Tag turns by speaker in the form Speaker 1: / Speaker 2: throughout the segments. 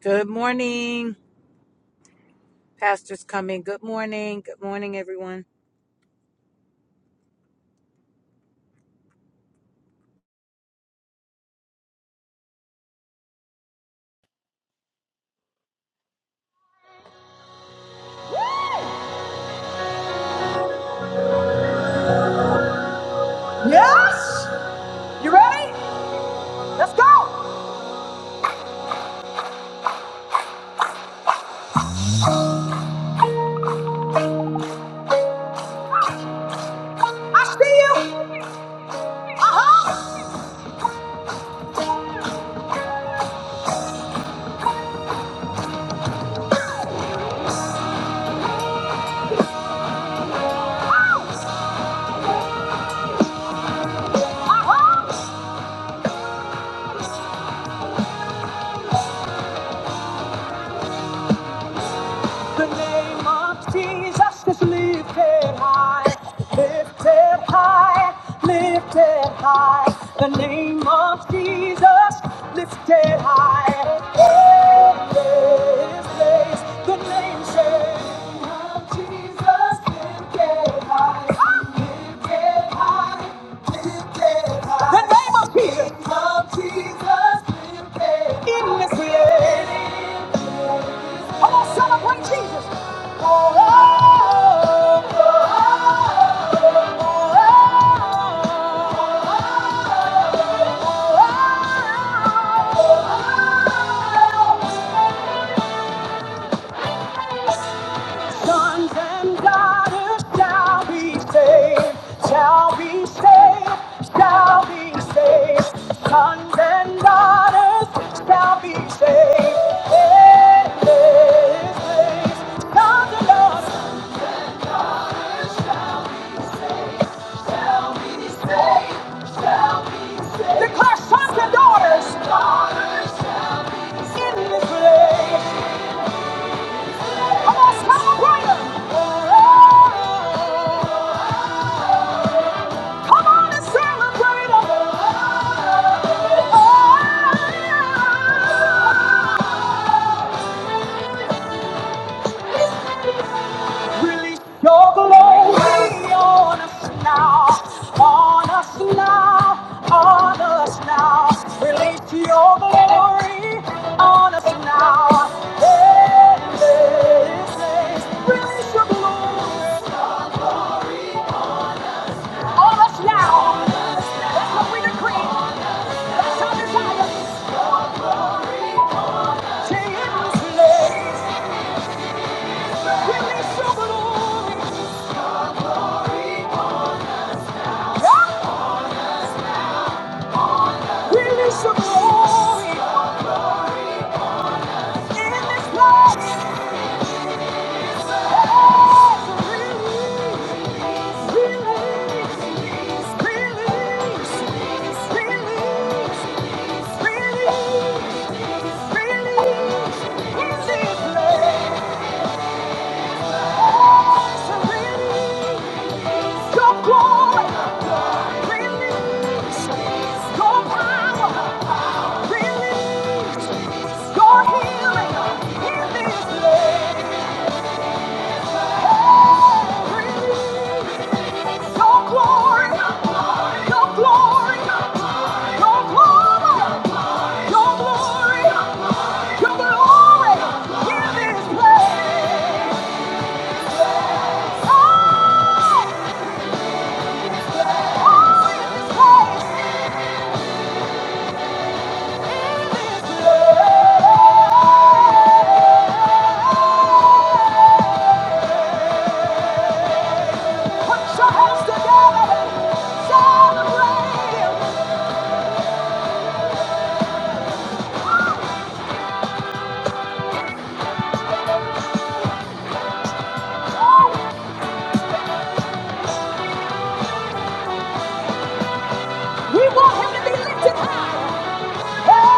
Speaker 1: Good morning. Pastor's coming. Good morning. Good morning, everyone.
Speaker 2: Yes! You ready? Let's go! I see you! The name of Jesus is lifted high, lifted high, lifted high. The name of Jesus lifted high. Oh, this place, the name says The name of Jesus. In this place. Come on, celebrate Jesus. Oh, oh, oh, oh, oh, oh, oh, oh. Sons and daughters shall be saved, shall be saved, shall be saved. Sons and daughters shall be saved. Hey, hey, hey. Sons and daughters shall be saved, shall be saved. Declare sons and daughters. Daughters shall be saved. In this place. Come on, sound brighter. Come on and celebrate Release your glory on us now, on us now, on us now. Release your glory on us now. Hey, hey, hey. Release your glory on us now. That's what we decree. That's our desire. Jesus, release your glory. Yeah. Release your glory in this place. Release your glory. Your glory, your glory, your glory, your glory in this place. Oh, oh, in this place, in this place. Put your hands together, celebrate. Oh, we want him to be lifted high. Oh!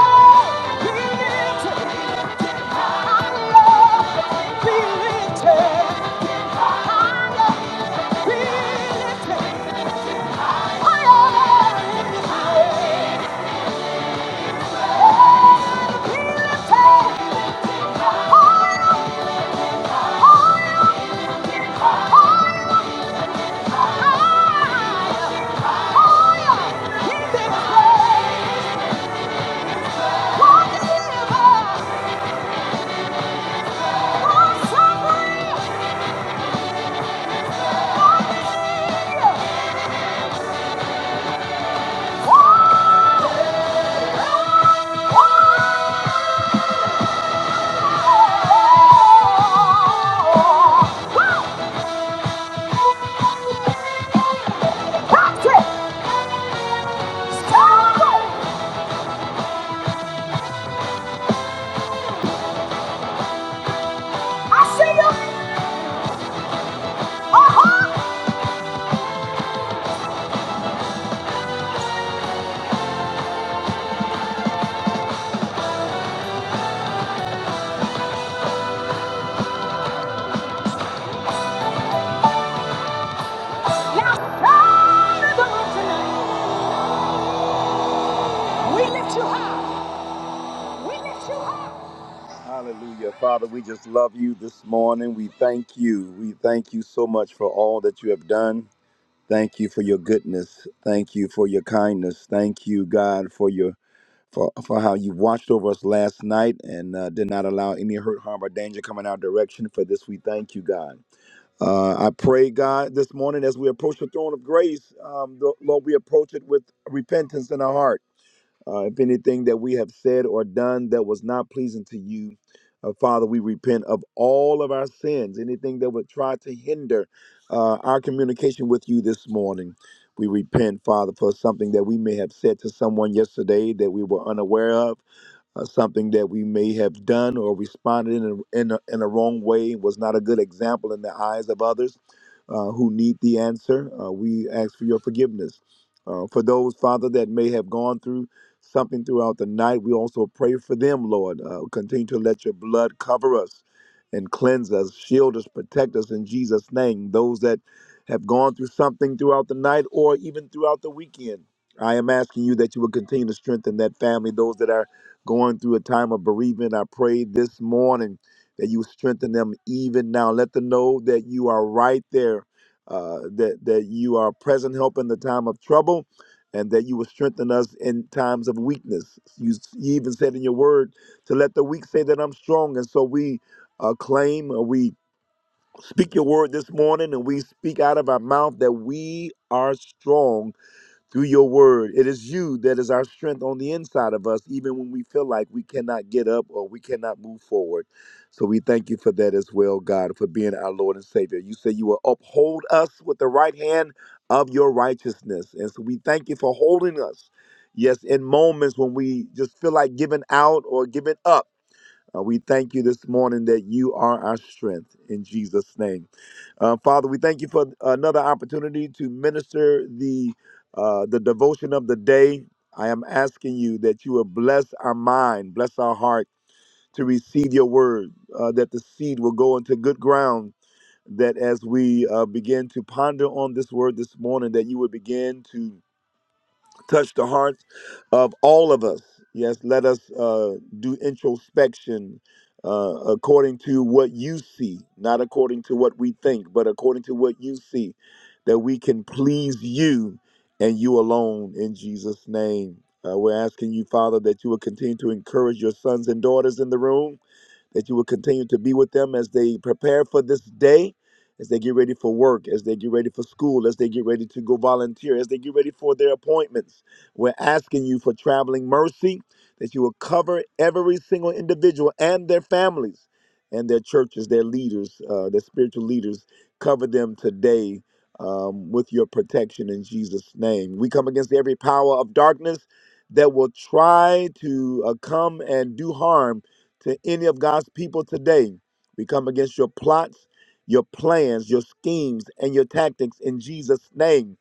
Speaker 2: Hallelujah. Father, we just love you this morning. We thank you. We thank you so much for all that you have done. Thank you for your goodness. Thank you for your kindness. Thank you, God, for your for, for how you watched over us last night and uh, did not allow any hurt, harm, or danger coming our direction. For this, we thank you, God. Uh, I pray, God, this morning as we approach the throne of grace, um, the- Lord, we approach it with repentance in our heart. Uh, if anything that we have said or done that was not pleasing to you, uh, Father, we repent of all of our sins. Anything that would try to hinder uh, our communication with you this morning, we repent, Father, for something that we may have said to someone yesterday that we were unaware of uh, something that we may have done or responded in a, in a, in a wrong way was not a good example in the eyes of others uh, who need the answer. Uh, we ask for your forgiveness. Uh, for those, Father, that may have gone through something throughout the night, we also pray for them, Lord. Uh, continue to let your blood cover us and cleanse us, shield us, protect us in Jesus' name. Those that have gone through something throughout the night or even throughout the weekend, I am asking you that you would continue to strengthen that family, those that are going through a time of bereavement. I pray this morning that you strengthen them even now. Let them know that you are right there, uh, that that you are present help in the time of trouble, and that you will strengthen us in times of weakness. You, you even said in your word to let the weak say that I'm strong, and so we uh, claim uh, we. Speak your word this morning, and we speak out of our mouth that we are strong through your word. It is you that is our strength on the inside of us, even when we feel like we cannot get up or we cannot move forward. So we thank you for that as well, God, for being our Lord and Savior. You say you will uphold us with the right hand of your righteousness. And so we thank you for holding us. Yes, in moments when we just feel like giving out or giving up, uh, we thank you this morning that you are our strength in Jesus' name. Uh, Father, we thank you for uh, another opportunity to minister the uh, the devotion of the day. I am asking you that you will bless our mind, bless our heart to receive your word, uh, that the seed will go into good ground. That as we uh, begin to ponder on this word this morning, that you would begin to touch the hearts of all of us. Yes, let us uh, do introspection uh, according to what you see, not according to what we think, but according to what you see, that we can please you and you alone in Jesus' name. Uh, we're asking you, Father, that you will continue to encourage your sons and daughters in the room that you will continue to be with them as they prepare for this day, as they get ready for work, as they get ready for school, as they get ready to go volunteer, as they get ready for their appointments. We're asking you for traveling mercy, that you will cover every single individual and their families and their churches, their leaders, uh, their spiritual leaders. Cover them today um, with your protection in Jesus' name. We come against every power of darkness that will try to uh, come and do harm to any of God's people today. We come against your plots, your plans, your schemes, and your tactics in Jesus' name.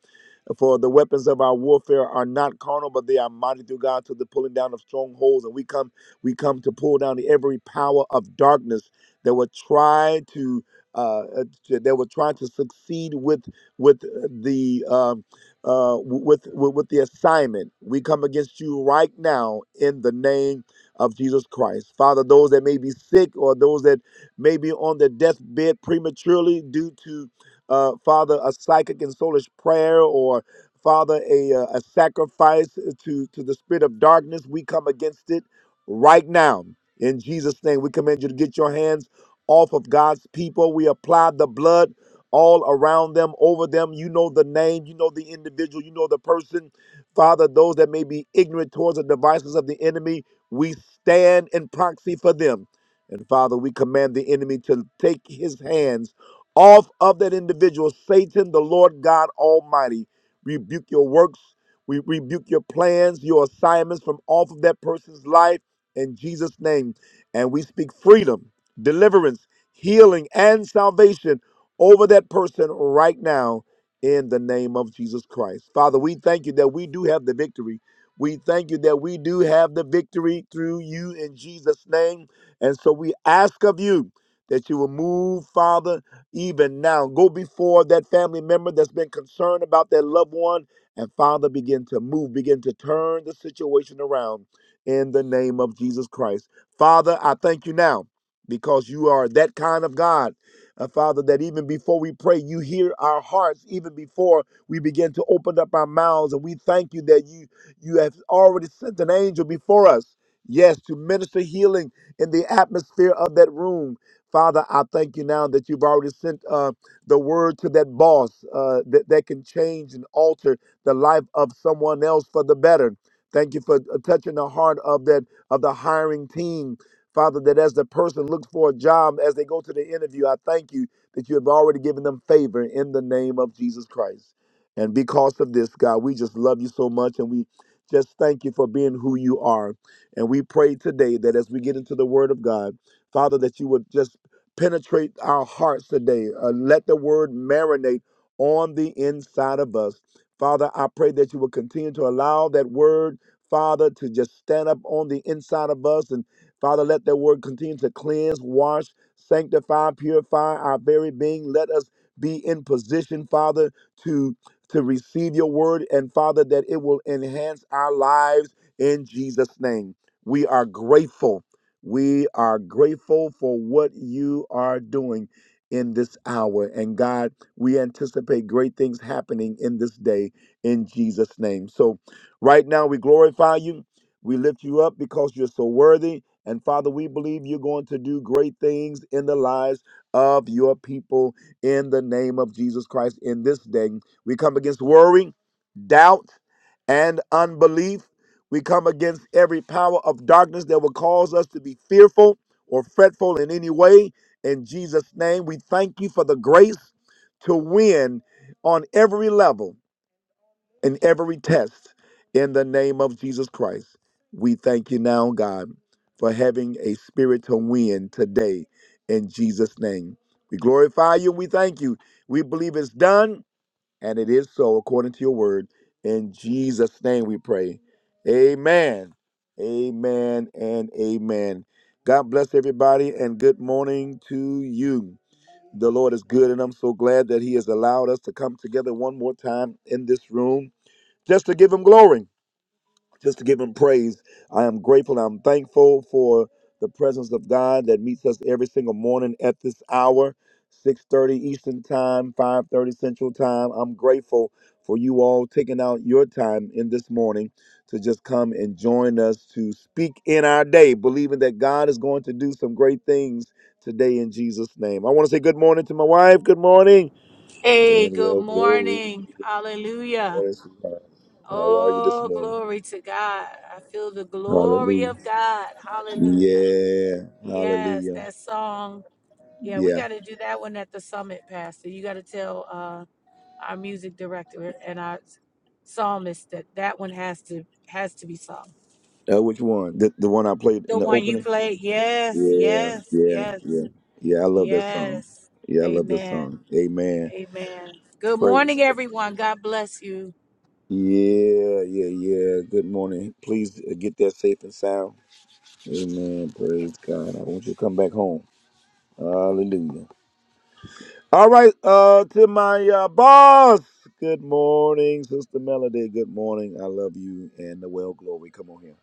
Speaker 2: For the weapons of our warfare are not carnal, but they are mighty through God to the pulling down of strongholds. And we come, we come to pull down every power of darkness that would try to, uh, uh, that would try to succeed with with uh, the um, uh, with, with with the assignment. We come against you right now in the name of Jesus Christ. Father, those that may be sick or those that may be on their deathbed prematurely due to, uh, Father, a psychic and soulish prayer or Father, a, uh, a sacrifice to, to the spirit of darkness. We come against it right now. In Jesus' name, we command you to get your hands off of God's people. We apply the blood all around them, over them. You know the name, you know the individual, you know the person. Father, those that may be ignorant towards the devices of the enemy, we stand in proxy for them. And Father, we command the enemy to take his hands off of that individual. Satan, the Lord God Almighty, rebuke your works. We rebuke your plans, your assignments from off of that person's life in Jesus' name. And we speak freedom, deliverance, healing, and salvation over that person right now in the name of Jesus Christ. Father, we thank you that we do have the victory we thank you that we do have the victory through you in Jesus' name. And so we ask of you that you will move, Father, even now. Go before that family member that's been concerned about their loved one. And Father, begin to move, begin to turn the situation around in the name of Jesus Christ. Father, I thank you now because you are that kind of God. Uh, Father, that even before we pray, you hear our hearts, even before we begin to open up our mouths. And we thank you that you you have already sent an angel before us, yes, to minister healing in the atmosphere of that room. Father, I thank you now that you've already sent uh, the word to that boss uh, that, that can change and alter the life of someone else for the better. Thank you for uh, touching the heart of that of the hiring team, Father. That as the person looks for a job, as they go to the interview, I thank you that you have already given them favor in the name of Jesus Christ. And because of this, God, we just love you so much, and we just thank you for being who you are. And we pray today that as we get into the Word of God, Father, that you would just penetrate our hearts today. Uh, let the Word marinate on the inside of us. Father, I pray that you will continue to allow that Word, Father, to just stand up on the inside of us. And Father, let that Word continue to cleanse, wash, sanctify, purify our very being. Let us be in position, Father, to to receive your word and Father, that it will enhance our lives in Jesus' name. We are grateful. We are grateful for what you are doing in this hour. And God, we anticipate great things happening in this day in Jesus' name. So, right now, we glorify you. We lift you up because you're so worthy. And Father, we believe you're going to do great things in the lives of your people in the name of Jesus Christ in this day. We come against worry, doubt, and unbelief. We come against every power of darkness that will cause us to be fearful or fretful in any way. In Jesus' name, we thank you for the grace to win on every level and every test. In the name of Jesus Christ, we thank you now, God, for having a spirit to win today. In Jesus' name, we glorify you we thank you. We believe it's done. And it is so according to your word. In Jesus' name we pray. Amen. Amen and amen. God bless everybody and good morning to you. The Lord is good, and I'm so glad that He has allowed us to come together one more time in this room just to give Him glory just to give him praise. I am grateful. I'm thankful for the presence of God that meets us every single morning at this hour, 6:30 Eastern Time, 5:30 Central Time. I'm grateful for you all taking out your time in this morning to just come and join us to speak in our day, believing that God is going to do some great things today in Jesus' name. I want to say good morning to my wife. Good morning.
Speaker 1: Hey,
Speaker 2: And
Speaker 1: good
Speaker 2: well, glory.
Speaker 1: morning.
Speaker 2: Good
Speaker 1: Hallelujah.
Speaker 2: morning, sweetheart. How are you this
Speaker 1: Oh,
Speaker 2: morning?
Speaker 1: glory to God. I feel the glory
Speaker 2: Hallelujah.
Speaker 1: of God. Hallelujah.
Speaker 2: Yeah.
Speaker 1: Yes,
Speaker 2: Hallelujah.
Speaker 1: that song. Yeah, we
Speaker 2: Yeah.
Speaker 1: got to do that one at the summit, Pastor. You got to tell uh, our music director and our psalmist that that one has to has to be sung.
Speaker 2: Uh, which one? The, the one I played
Speaker 1: The
Speaker 2: in the
Speaker 1: one you
Speaker 2: opening?
Speaker 1: played. Yes,
Speaker 2: Yeah.
Speaker 1: yes,
Speaker 2: Yeah.
Speaker 1: yes,
Speaker 2: Yeah. Yeah. I love that song.
Speaker 1: yes.
Speaker 2: Yeah. I love that
Speaker 1: Amen.
Speaker 2: song. Amen.
Speaker 1: Amen. Good
Speaker 2: Praise.
Speaker 1: morning, everyone. God bless you.
Speaker 2: Yeah. Yeah. Yeah. Good morning. Please uh, get that safe and sound. Amen. Praise God. I want you to come back home. Hallelujah. All right. Uh, to my uh, boss. Good morning, Sister Melody. Good morning. I love you and the well glory. Come on here.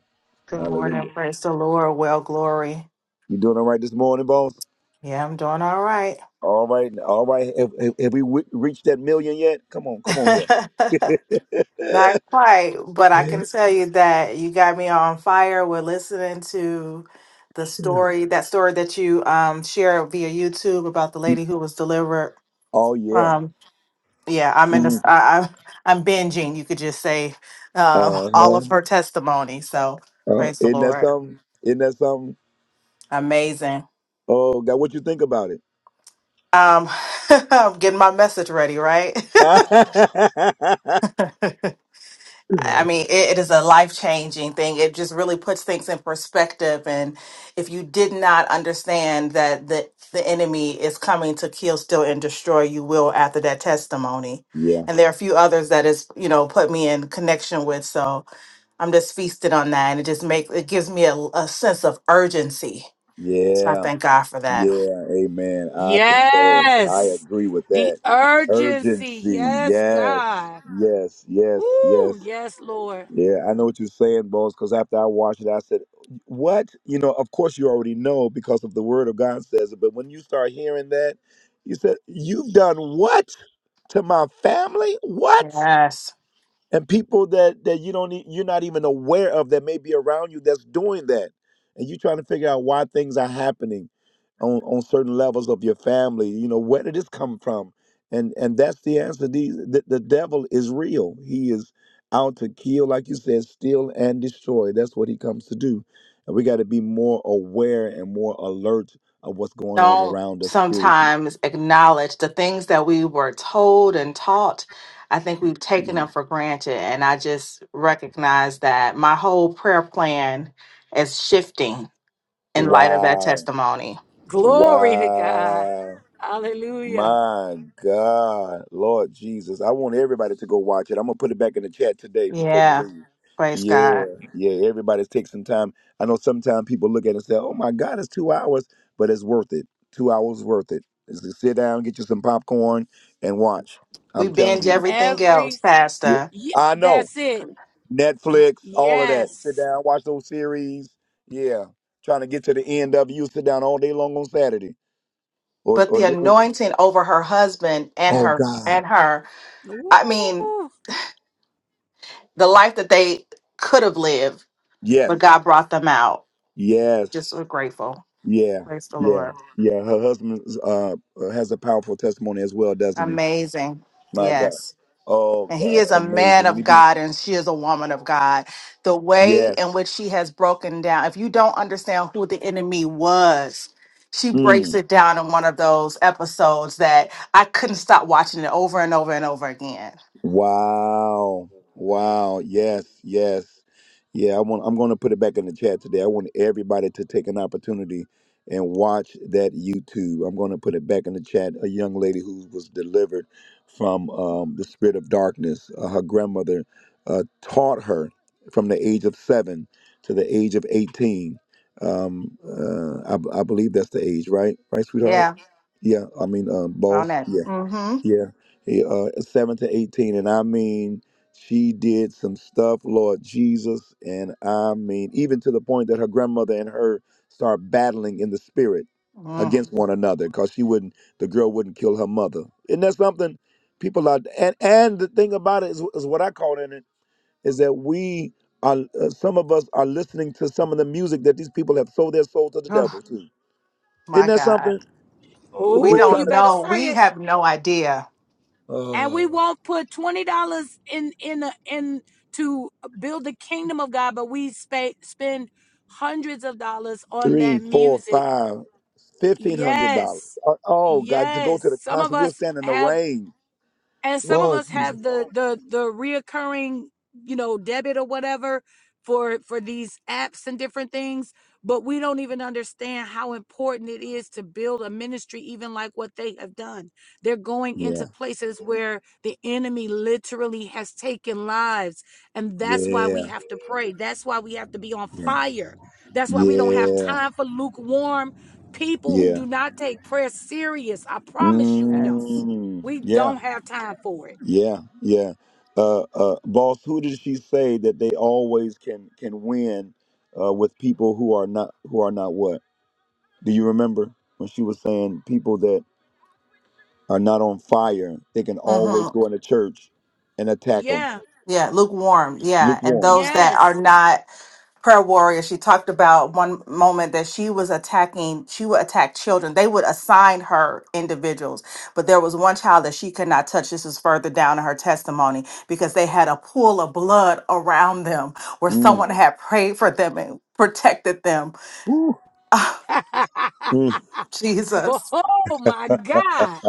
Speaker 3: Good
Speaker 2: Hallelujah.
Speaker 3: morning, praise the Lord. Well, glory.
Speaker 2: You doing all right this morning, boss?
Speaker 3: Yeah, I'm doing all right.
Speaker 2: All right, all right. Have, have, have we w- reached that million yet? Come on, come on here.
Speaker 3: Not quite, but I can tell you that you got me on fire. We're listening to the story, that story that you um shared via YouTube about the lady who was delivered
Speaker 2: oh yeah.
Speaker 3: from. Yeah, I'm in this.
Speaker 2: Mm.
Speaker 3: I, I, I'm binging. You could just say um, all
Speaker 2: Uh-huh.
Speaker 3: of her testimony. So
Speaker 2: Uh,
Speaker 3: praise the
Speaker 2: isn't that
Speaker 3: Lord.
Speaker 2: something? Isn't that something?
Speaker 3: Amazing.
Speaker 2: Oh God, what you think about it?
Speaker 3: Um, I'm getting my message ready, right? I mean, it, it is a life changing thing. It just really puts things in perspective. And if you did not understand that the, the enemy is coming to kill, steal, and destroy, you will after that testimony.
Speaker 2: yeah,
Speaker 3: And there are a few others that is, you know, put me in connection with. So I'm just feasted on that. And it just makes, it gives me a, a sense of urgency. So I
Speaker 2: yeah,
Speaker 3: thank God for that.
Speaker 2: yeah. Amen. I concur. I
Speaker 1: Yes.
Speaker 2: agree with
Speaker 1: The
Speaker 2: that.
Speaker 1: urgency.
Speaker 2: Urgency.
Speaker 1: Yes,
Speaker 2: Yes,
Speaker 1: God.
Speaker 2: yes, yes, yes.
Speaker 1: Woo. Yes, Lord.
Speaker 2: Yeah, I know what you're saying, Bones, because after I watched it, I said, What? You know, of course you already know because of the word of God says it, but when you start hearing that, you said, You've done what to my family? What?
Speaker 3: Yes.
Speaker 2: and people that that you don't e- you're not even aware of that may be around you that's doing that and you're trying to figure out why things are happening on on certain levels of your family you know where did this come from and and that's the answer the the, the devil is real he is out to kill like you said steal and destroy that's what he comes to do and we got to be more aware and more alert of what's going on
Speaker 3: don't
Speaker 2: around us spiritually
Speaker 3: sometimes acknowledge the things that we were told and taught. I think we've taken
Speaker 2: yeah
Speaker 3: them for granted. And I just recognize that my whole prayer plan is shifting in light of that
Speaker 2: wow
Speaker 3: testimony.
Speaker 1: Glory to God.
Speaker 2: wow
Speaker 1: Hallelujah.
Speaker 2: My God, Lord Jesus. I want everybody to go watch it. I'm going to put it back in the chat today before we
Speaker 3: Yeah,
Speaker 2: leave.
Speaker 3: praise God.
Speaker 2: Yeah, yeah. Everybody take some time. I know sometimes people look at it and say, oh my God, it's two hours, but it's worth it. Two hours worth it. Just to sit down, get you some popcorn, and watch.
Speaker 3: We
Speaker 2: I'm telling
Speaker 3: binge
Speaker 2: you.
Speaker 3: everything else,
Speaker 1: Every,
Speaker 2: Yeah,
Speaker 3: Pastor.
Speaker 1: ye-
Speaker 2: I know.
Speaker 1: that's it.
Speaker 2: Netflix, all of that. Sit
Speaker 1: Yes.
Speaker 2: down, watch those series. Yeah. Trying to get to the end of it. You sit down all day long on Saturday or,
Speaker 3: But
Speaker 2: or
Speaker 3: the
Speaker 2: during the week.
Speaker 3: anointing over her husband and
Speaker 2: Oh,
Speaker 3: her
Speaker 2: God.
Speaker 3: and her, I mean,
Speaker 1: Ooh.
Speaker 3: the life that they could have lived, but
Speaker 2: Yes.
Speaker 3: God brought them out. Just
Speaker 2: Yes.
Speaker 3: we're grateful.
Speaker 2: Yeah.
Speaker 3: Praise the
Speaker 2: Yeah.
Speaker 3: Lord.
Speaker 2: Yeah. Her husband uh, has a powerful testimony as well, doesn't he?
Speaker 3: Amazing.
Speaker 2: My God.
Speaker 3: Yes.
Speaker 2: Oh
Speaker 3: And he
Speaker 2: God,
Speaker 3: is a
Speaker 2: amazing.
Speaker 3: man
Speaker 2: When he
Speaker 3: of
Speaker 2: be
Speaker 3: God and she is a woman of God. The way in
Speaker 2: yes.
Speaker 3: which she has broken down, if you don't understand who the enemy was, she
Speaker 2: Mm.
Speaker 3: breaks it down in one of those episodes that I couldn't stop watching it over and over and over again.
Speaker 2: Wow. Wow. Yes, yes. Yeah, I want I'm going to put it back in the chat today. I want everybody to take an opportunity and watch that YouTube. I'm going to put it back in the chat. A young lady who was delivered from um, the spirit of darkness. Uh, her grandmother uh, taught her from the age of 7 to the age of 18. Um, uh, I, I believe that's the age, right? Right, sweetheart?
Speaker 3: Yeah.
Speaker 2: Yeah, I mean, um,
Speaker 3: on
Speaker 2: boss.
Speaker 3: that. Mm-hmm.
Speaker 2: Yeah, he, uh, seven to eighteen, and I mean, she did some stuff, Lord Jesus, and I mean, even to the point that her grandmother and her start battling in the spirit
Speaker 3: Mm.
Speaker 2: against one another because she wouldn't, the girl wouldn't kill her mother. Isn't that something? People are, and and the thing about it is, is what I caught in it is that we are, uh, some of us are listening to some of the music that these people have sold their soul to the
Speaker 3: Oh,
Speaker 2: devil to. Isn't
Speaker 3: my
Speaker 2: that
Speaker 3: God.
Speaker 2: something? We're,
Speaker 3: We
Speaker 2: we're
Speaker 1: Ooh,
Speaker 3: don't
Speaker 1: you
Speaker 2: trying to.
Speaker 1: better
Speaker 3: know.
Speaker 1: say
Speaker 3: We
Speaker 1: it.
Speaker 3: have no idea.
Speaker 1: And
Speaker 2: Oh,
Speaker 1: we won't put $20 in, in, a, in to build the kingdom of God, but we spa- spend hundreds of dollars on
Speaker 2: three,
Speaker 1: that
Speaker 2: four,
Speaker 1: music
Speaker 2: five. Fifteen hundred dollars.
Speaker 1: Yes.
Speaker 2: Uh, Oh God, to go
Speaker 1: Yes.
Speaker 2: to the
Speaker 1: Some of
Speaker 2: concert, we'll
Speaker 1: us
Speaker 2: stand in the
Speaker 1: have
Speaker 2: rain.
Speaker 1: and some of
Speaker 2: Lord
Speaker 1: us
Speaker 2: Jesus.
Speaker 1: have the the the reoccurring you know debit or whatever for for these apps and different things but we don't even understand how important it is to build a ministry even like what they have done they're going
Speaker 2: Yeah,
Speaker 1: into places where the enemy literally has taken lives and that's why we
Speaker 2: yeah,
Speaker 1: have to pray that's why we have to be on
Speaker 2: yeah,
Speaker 1: fire that's why we don't have
Speaker 2: yeah,
Speaker 1: time for lukewarm people who
Speaker 2: yeah.
Speaker 1: do not take prayer serious i promise you we don't
Speaker 3: Yes.
Speaker 2: Mm,
Speaker 1: we
Speaker 2: yeah,
Speaker 1: don't have time for it.
Speaker 2: yeah, yeah. Uh, uh, boss, who did she say that they always can can win uh, with people who are not who are not what? Do you remember when she was saying people that are not on fire, they can
Speaker 3: Mm-hmm.
Speaker 2: always go into church and attack them?
Speaker 1: Yeah.
Speaker 3: Yeah, lukewarm. Yeah. And
Speaker 2: Lukewarm.
Speaker 3: those that
Speaker 1: Yes.
Speaker 3: are not prayer warriors, she talked about one moment that she was attacking, she would attack children. They would assign her individuals, but there was one child that she could not touch. This is further down in her testimony because they had a pool of blood around them where
Speaker 2: Mm.
Speaker 3: someone had prayed for them and protected them.
Speaker 2: Woo. Mm.
Speaker 1: oh
Speaker 3: Jesus.
Speaker 1: my God.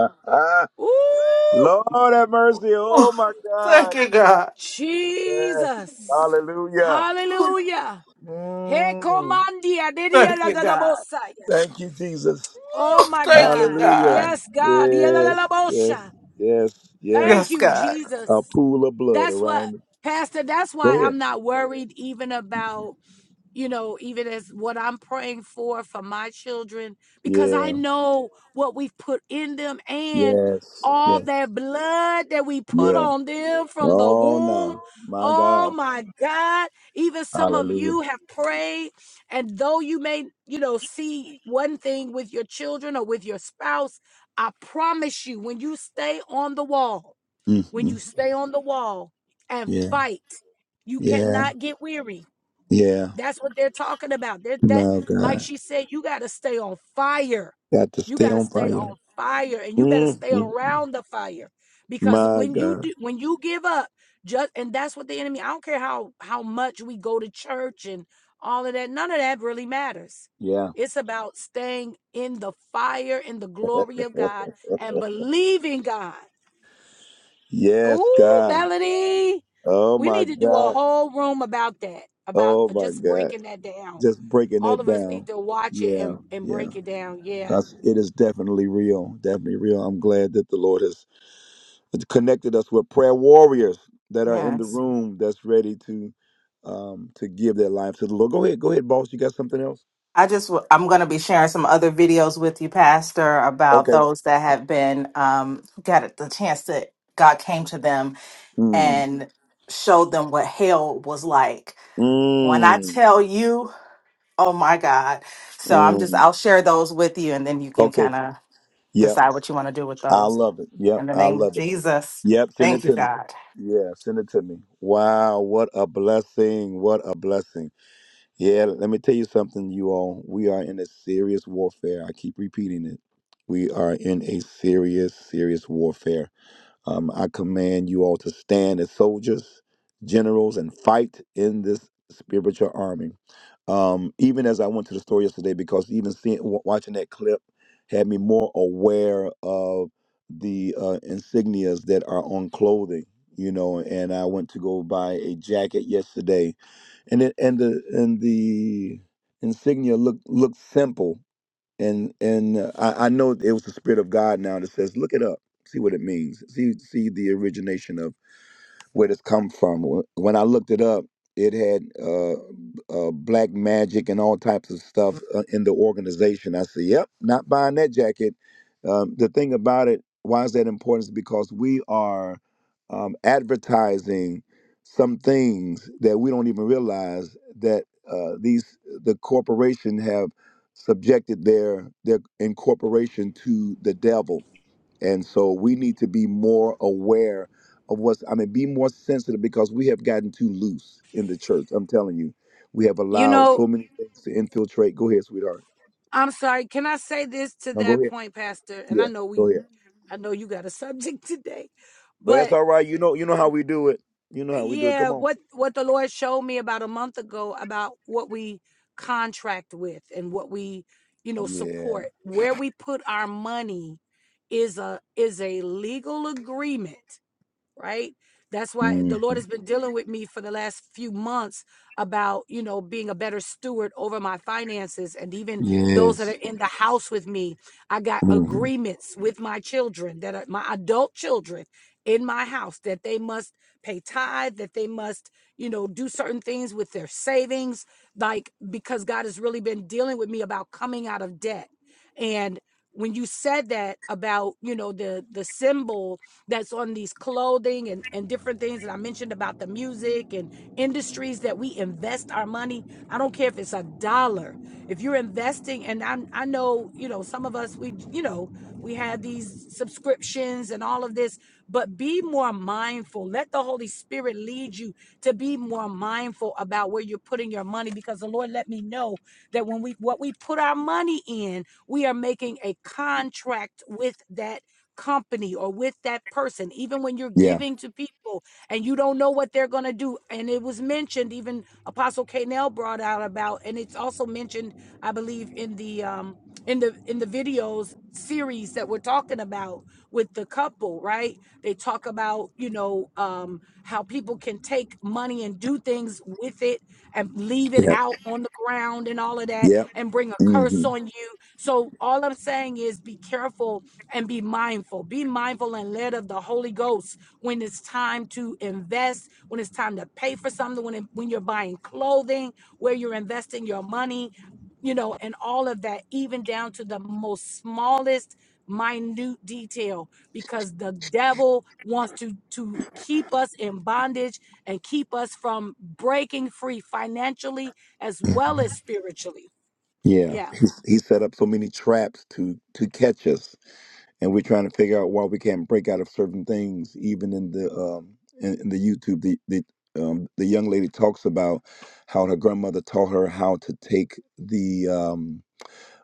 Speaker 1: Ooh,
Speaker 2: Lord have mercy. Oh
Speaker 3: Oh,
Speaker 2: my
Speaker 3: thank
Speaker 2: God.
Speaker 3: you, God.
Speaker 2: Yes.
Speaker 1: Jesus.
Speaker 2: Hallelujah.
Speaker 3: Oh,
Speaker 1: Hallelujah. He
Speaker 2: Mm.
Speaker 1: comandia, didi,
Speaker 3: thank
Speaker 1: la
Speaker 3: you,
Speaker 1: da, da,
Speaker 3: God.
Speaker 1: bosaya.
Speaker 2: Thank you, Jesus.
Speaker 1: Oh
Speaker 3: Oh,
Speaker 1: my
Speaker 3: thank you,
Speaker 1: God.
Speaker 3: God.
Speaker 2: Hallelujah.
Speaker 1: Yes, God. Dia la la la
Speaker 2: Yes, yes,
Speaker 1: bosha.
Speaker 2: yes, yes.
Speaker 1: Thank
Speaker 3: Yes,
Speaker 1: you,
Speaker 3: God.
Speaker 2: A
Speaker 1: Jesus.
Speaker 2: pool of blood
Speaker 1: That's what,
Speaker 2: around it.
Speaker 1: Pastor, that's
Speaker 2: Go
Speaker 1: why
Speaker 2: ahead.
Speaker 1: I'm not worried even about. you know, even as what I'm praying for for my children, because I
Speaker 2: Yeah,
Speaker 1: know what we've put in them and
Speaker 2: yes,
Speaker 1: all
Speaker 2: yes,
Speaker 1: that blood that we put
Speaker 2: yeah.
Speaker 1: on them from the
Speaker 2: Oh,
Speaker 1: womb.
Speaker 2: no. My
Speaker 1: Oh
Speaker 2: God.
Speaker 1: my God. Even some of
Speaker 2: Hallelujah.
Speaker 1: you have prayed, and though you may, you know, see one thing with your children or with your spouse, I promise you, when you stay on the wall, when
Speaker 2: hmm
Speaker 1: you stay on the wall and
Speaker 2: Yeah,
Speaker 1: fight, you
Speaker 2: yeah,
Speaker 1: cannot get weary
Speaker 2: yeah.
Speaker 1: that's what they're talking about. They're, that,
Speaker 2: My
Speaker 1: like
Speaker 2: God.
Speaker 1: she said, you got to stay on fire.
Speaker 2: Got to
Speaker 1: You
Speaker 2: stay
Speaker 1: got to
Speaker 2: on
Speaker 1: stay
Speaker 2: fire.
Speaker 1: on fire, and you better
Speaker 2: hmm
Speaker 1: stay around the fire, because
Speaker 2: My
Speaker 1: when you
Speaker 2: God.
Speaker 1: do, when you give up, just and that's what the enemy. I don't care how how much we go to church and all of that. None of that really matters.
Speaker 2: Yeah.
Speaker 1: It's about staying in the fire, in the glory of God, and believing God.
Speaker 2: Yes,
Speaker 1: Ooh,
Speaker 2: God.
Speaker 1: Melody,
Speaker 2: Oh
Speaker 1: we
Speaker 2: my
Speaker 1: need to do a
Speaker 2: God.
Speaker 1: whole room about that, about
Speaker 2: Oh my
Speaker 1: just
Speaker 2: God.
Speaker 1: breaking that down
Speaker 2: Just breaking
Speaker 1: all
Speaker 2: it
Speaker 1: of us
Speaker 2: down.
Speaker 1: need to watch it
Speaker 2: Yeah,
Speaker 1: and, and
Speaker 2: yeah.
Speaker 1: break it down. Yeah.
Speaker 2: Because it is definitely real. Definitely real. I'm glad that the Lord has connected us with prayer warriors that are in the
Speaker 3: Yes.
Speaker 2: room that's ready to um to give their life to the Lord. Go ahead, go ahead, boss. You got something else?
Speaker 3: I just, w- I'm going to be sharing some other videos with you, Pastor, about
Speaker 2: Okay.
Speaker 3: those that have been, um, got the chance that God came to them
Speaker 2: Mm.
Speaker 3: and showed them what hell was like. When I
Speaker 2: Mm.
Speaker 3: tell you, oh my God. So I'm just,
Speaker 2: Mm.
Speaker 3: I'll share those with you and then you can
Speaker 2: Okay.
Speaker 3: kind of
Speaker 2: Yep.
Speaker 3: decide what you want to do with
Speaker 2: I
Speaker 3: those.
Speaker 2: love it. Yep.
Speaker 3: In the
Speaker 2: I
Speaker 3: name of
Speaker 2: love it.
Speaker 3: Jesus.
Speaker 2: Yep, send it
Speaker 3: Thank you,
Speaker 2: to me.
Speaker 3: God.
Speaker 2: Yeah, send it to me. Wow, what a blessing. What a blessing. Yeah, let me tell you something, you all. We are in a serious warfare. I keep repeating it. We are in a serious, serious warfare. Um, I command you all to stand as soldiers, generals, and fight in this spiritual army. Um, even as I went to the store yesterday, because even seeing w- watching that clip had me more aware of the uh, insignias that are on clothing. You know, and I went to go buy a jacket yesterday, and it and the and the insignia looked looked simple, and and uh, I, I know it was the spirit of God now that says, look it up, see what it means, see see the origination of where this come from. Wh- When I looked it up, it had uh, uh, black magic and all types of stuff uh, in the organization. I said, "Yep, not buying that jacket." Um, the thing about it, why is that important? Is because we are um, advertising some things that we don't even realize that uh, these the corporation have subjected their their incorporation to the devil and so we need to be more aware of what's, I mean, be more sensitive because we have gotten too loose in the church. I'm telling you, we have
Speaker 1: You
Speaker 2: allowed
Speaker 1: know,
Speaker 2: so many things to infiltrate. Go ahead, sweetheart.
Speaker 1: I'm sorry. Can I say this to
Speaker 2: No, go
Speaker 1: that
Speaker 2: ahead.
Speaker 1: point, Pastor? And I
Speaker 2: Yeah,
Speaker 1: know we
Speaker 2: go ahead.
Speaker 1: I know you got a subject today,
Speaker 2: Well, that's
Speaker 1: but
Speaker 2: all right. You know, you know how we do it. You know how we do it.
Speaker 1: yeah,
Speaker 2: Come on.
Speaker 1: what what the Lord showed me about a month ago about what we contract with and what we, you know,
Speaker 2: Yeah.
Speaker 1: support, where we put our money is a is a legal agreement right? That's why
Speaker 2: hmm
Speaker 1: the Lord has been dealing with me for the last few months about, you know, being a better steward over my finances and even those that
Speaker 2: Yes.
Speaker 1: are in the house with me. I got
Speaker 2: hmm
Speaker 1: agreements with my children that are my adult children in my house that they must pay tithe, that they must, you know, do certain things with their savings, like because God has really been dealing with me about coming out of debt. and when you said that about you know the the symbol that's on these clothing and and different things that i mentioned about the music and industries that we invest our money i don't care if it's a dollar if you're investing and i i know you know some of us we you know we have these subscriptions and all of this, but be more mindful. Let the Holy Spirit lead you to be more mindful about where you're putting your money because the Lord let me know that when we what we put our money in, we are making a contract with that company or with that person even when you're
Speaker 2: Yeah.
Speaker 1: giving to people and you don't know what they're going to do and it was mentioned even apostle Canel brought out about and it's also mentioned i believe in the um in the in the videos series that we're talking about with the couple right they talk about you know um how people can take money and do things with it and leave it
Speaker 2: Yeah.
Speaker 1: out on the ground and all of that
Speaker 2: Yeah.
Speaker 1: and bring a
Speaker 2: hmm
Speaker 1: curse on you so all i'm saying is be careful and be mindful be mindful and led of the holy ghost when it's time to invest when it's time to pay for something when it, when you're buying clothing where you're investing your money you know, and all of that, even down to the most smallest minute detail because the devil wants to to keep us in bondage and keep us from breaking free financially as well as spiritually
Speaker 2: Yeah.
Speaker 1: yeah
Speaker 2: He's, he set up so many traps to to catch us and we're trying to figure out why we can't break out of certain things, even in the um, in, in the YouTube. The the um, the young lady talks about how her grandmother taught her how to take the um,